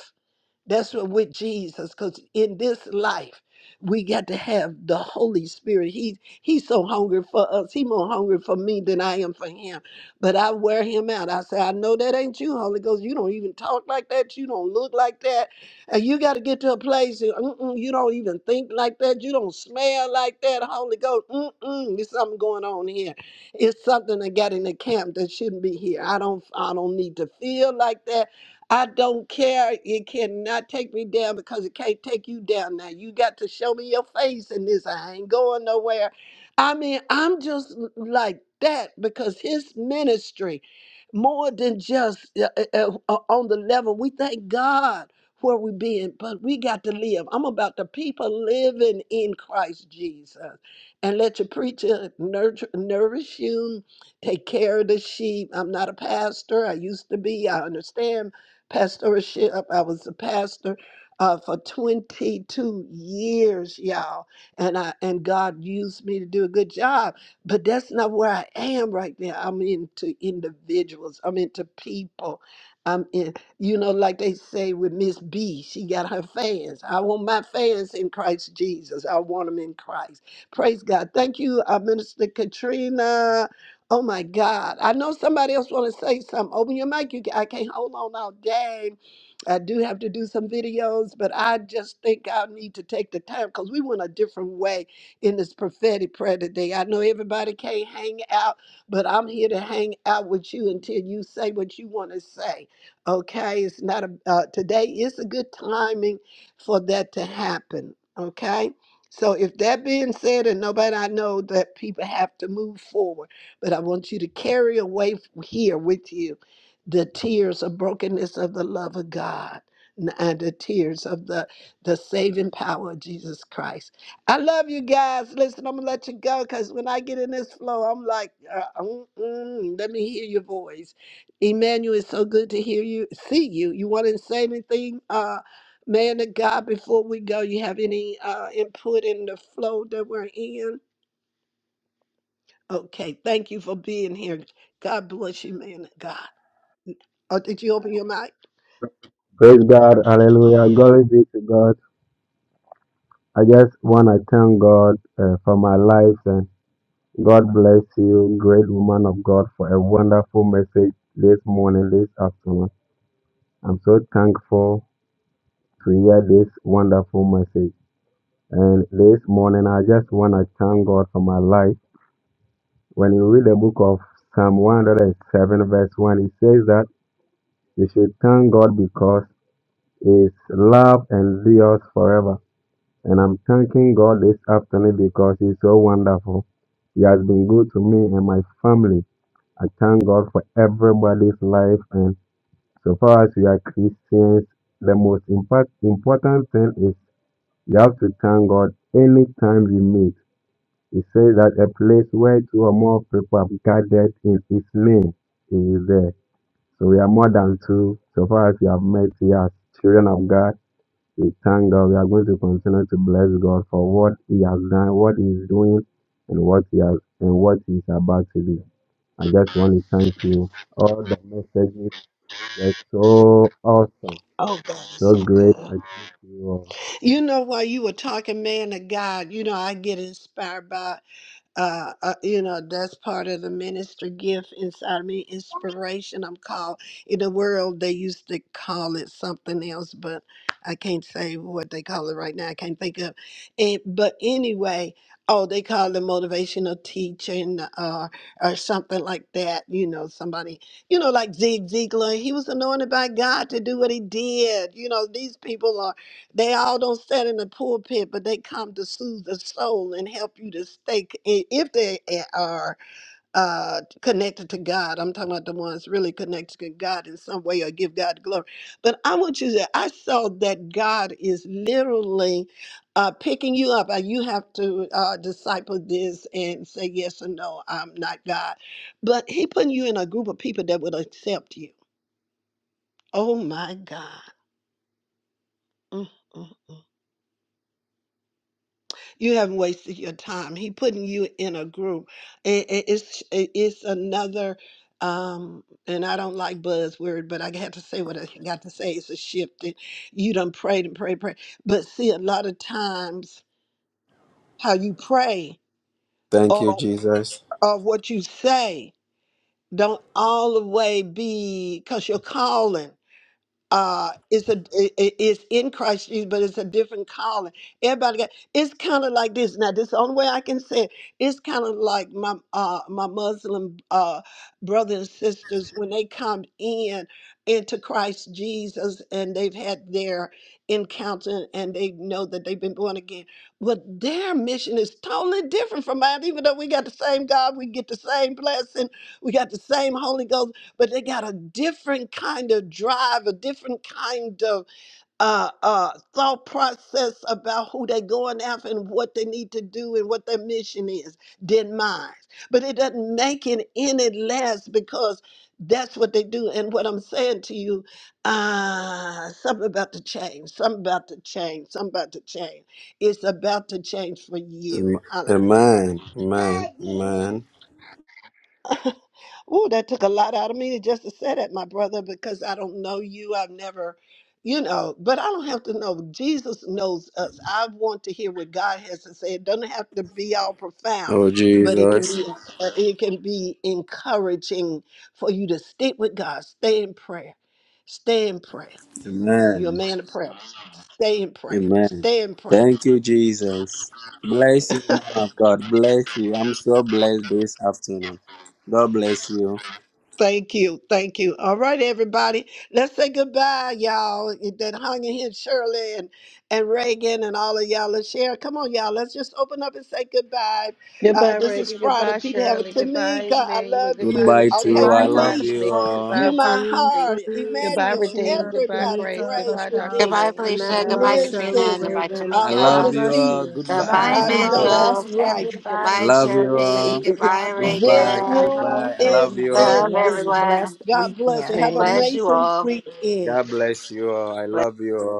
that's what with Jesus, because in this life we got to have the Holy Spirit. He he's so hungry for us. He more hungry for me than I am for him. But I wear him out. I say, I know that ain't you, Holy Ghost. You don't even talk like that. You don't look like that. And you got to get to a place that, mm-mm, you don't even think like that. You don't smell like that, Holy Ghost. Mm-mm, there's something going on here. It's something that got in the camp that shouldn't be here. I don't I don't need to feel like that. I don't care. It cannot take me down because it can't take you down now. You got to show me your face in this. I ain't going nowhere. I mean, I'm just l- like that because his ministry, more than just uh, uh, uh, uh, on the level, we thank God where we been, but we got to live. I'm about the people living in Christ Jesus. And let your preacher nurture, nourish you, take care of the sheep. I'm not a pastor. I used to be. I understand pastorship. I was a pastor uh, for 22 years, y'all, and I and God used me to do a good job. But that's not where I am right now. I'm into individuals. I'm into people. I'm in, you know, like they say with Miss B, she got her fans. I want my fans in Christ Jesus. I want them in Christ. Praise God. Thank you, uh, Minister Katrina. Oh my God. I know somebody else want to say something. Open your mic. You, ca- I can't hold on all day. I do have to do some videos, but I just think I need to take the time because we went a different way in this prophetic prayer today. I know everybody can't hang out, but I'm here to hang out with you until you say what you want to say. Okay? It's not a, uh, today is a good timing for that to happen. Okay? So if that being said, and nobody I know that people have to move forward. But I want you to carry away f- here with you the tears of brokenness of the love of God n- and the tears of the, the saving power of Jesus Christ. I love you guys. Listen, I'm going to let you go because when I get in this flow, I'm like, uh, mm, mm, let me hear your voice. Emmanuel, it's so good to hear you, see you. You want to say anything? Uh, Man of God, before we go, you have any uh, input in the flow that we're in? Okay, thank you for being here. God bless you, man of God. Oh, did you open your mic?
Praise God. Hallelujah. Glory be to God. I just want to thank God uh, for my life and God bless you, great woman of God, for a wonderful message this morning, this afternoon. I'm so thankful to hear this wonderful message. And this morning, I just want to thank God for my life. When you read the book of Psalm 107, verse 1, it says that you should thank God because His love endures forever. And I'm thanking God this afternoon because He's so wonderful. He has been good to me and my family. I thank God for everybody's life. And so far as we are Christians, the most impact, important thing is we have to thank God anytime we meet. He says that a place where two or more people have gathered in His name, He is there. So we are more than two. So far as we have met, we are children of God. We thank God. We are going to continue to bless God for what He has done, what He is doing, and what He has and what He is about to do. I just want to thank you. All the messages were so awesome,
Oh, God is
so
so
great.
good.
I thank you all.
You know, while you were talking, man of God, you know, I get inspired by uh, uh, you know, that's part of the ministry gift inside of me. Inspiration, I'm called. In the world, they used to call it something else, but I can't say what they call it right now. I can't think of it. But anyway, oh, they call it motivational teaching or, or something like that. You know, somebody, you know, like Zig Ziglar, he was anointed by God to do what he did. You know, these people they all don't stand in the pulpit, but they come to soothe the soul and help you to stay, c- i- if they a- are uh, connected to God. I'm talking about the ones really connected to God in some way or give God glory. But I want you to, I saw that God is literally uh, picking you up. Uh, You have to uh, disciple this and say yes or no, I'm not God. But He putting you in a group of people that will accept you. Oh my God. Mm, mm, mm. You haven't wasted your time. He putting you in a group. It, it- it's it- it's another, um, and I don't like buzzword, but I had to say what I got to say. It's a shift. And you done prayed and prayed, pray. But see, a lot of times how you pray
Thank you,
or
Jesus.
or what you say don't all the way be because you're calling. uh it's a i- i- it's in christ jesus but it's a different calling everybody got it's kind of like this now this is the only way i can say it it's kind of like my uh my muslim uh brothers and sisters when they come in into christ jesus and they've had their encounter and they know that they've been born again but their mission is totally different from mine even though we got the same god we get the same blessing we got the same holy ghost but they got a different kind of drive, a different kind of uh, uh, thought process about who they're going after and what they need to do and what their mission is than mine. But it doesn't make it any less because that's what they do. And what I'm saying to you, uh, something about to change, something about to change, something about to change. It's about to change for you.
Amen.
Hallelujah.
Amen. Amen.
Ooh, that took a lot out of me just to say that, my brother, because I don't know you. I've never, you know, but I don't have to know. Jesus knows us. I want to hear what God has to say. It doesn't have to be all profound,
Oh,
but it can
Jesus.
be uh, it can be encouraging for you to stick with God. Stay in prayer. Stay in prayer. You're a
Amen.
man of prayer. Stay in prayer.
Amen.
Stay in prayer.
Thank you, Jesus. Bless you, man of God. Bless you. I'm so blessed this afternoon. God bless you.
Thank you. Thank you. All right, everybody. Let's say goodbye, y'all. It- That Hanya here, Shirley and, and Reagan and all of y'all. Let's share. Come on, y'all. Let's just open up and say goodbye. Uh,
Goodbye,
It's
Reagan.
Friday.
Goodbye,
People have it.
Shirley. Goodbye,
Tamika, I
Emmanuel.
love
Goodbye,
you.
Goodbye to
Okay,
you.
Lachelle.
I
for
Goodbye,
Goodbye,
love
Dr.
me,
you
Tamika.
Paul,
Goodbye,
all.
you my
Apostle
Radim,
Felice.
heart.
Felice,
Emmanuel,
Goodbye, Redeem.
Katrina,
everybody,
Goodbye, Grace.
Demita,
Grace,
Goodbye, Dr.
Lachelle,
redeemed.
Goodbye,
Hope. Y'all
Felicia.
have a
Goodbye,
Emmanuel,
good
Shirley,
Katrina.
Listen,
Goodbye,
weekend.
Reagan.
I
I hope
God
love
to
Tamika.
you
bless
see.
all.
you.
Goodbye.
Bye.
Goodbye,
I
Be
know
Shalom.
that's
Emmanuel.
blessed,
right.
Goodbye,
everybody
love you
here.
Jody.
all.
Thank the
Goodbye,
Lord for
Goodbye.
This
Reagan.
Dr.
room
Goodbye.
Hope.
I
Let
is
love
them
you
have a
all.
Love
blessed,
ending.
everyone.
blessed
God bless you.
weekend.
Have an
Man.
Bless you
amazing
all.
weekend.
God bless you all. I love you all.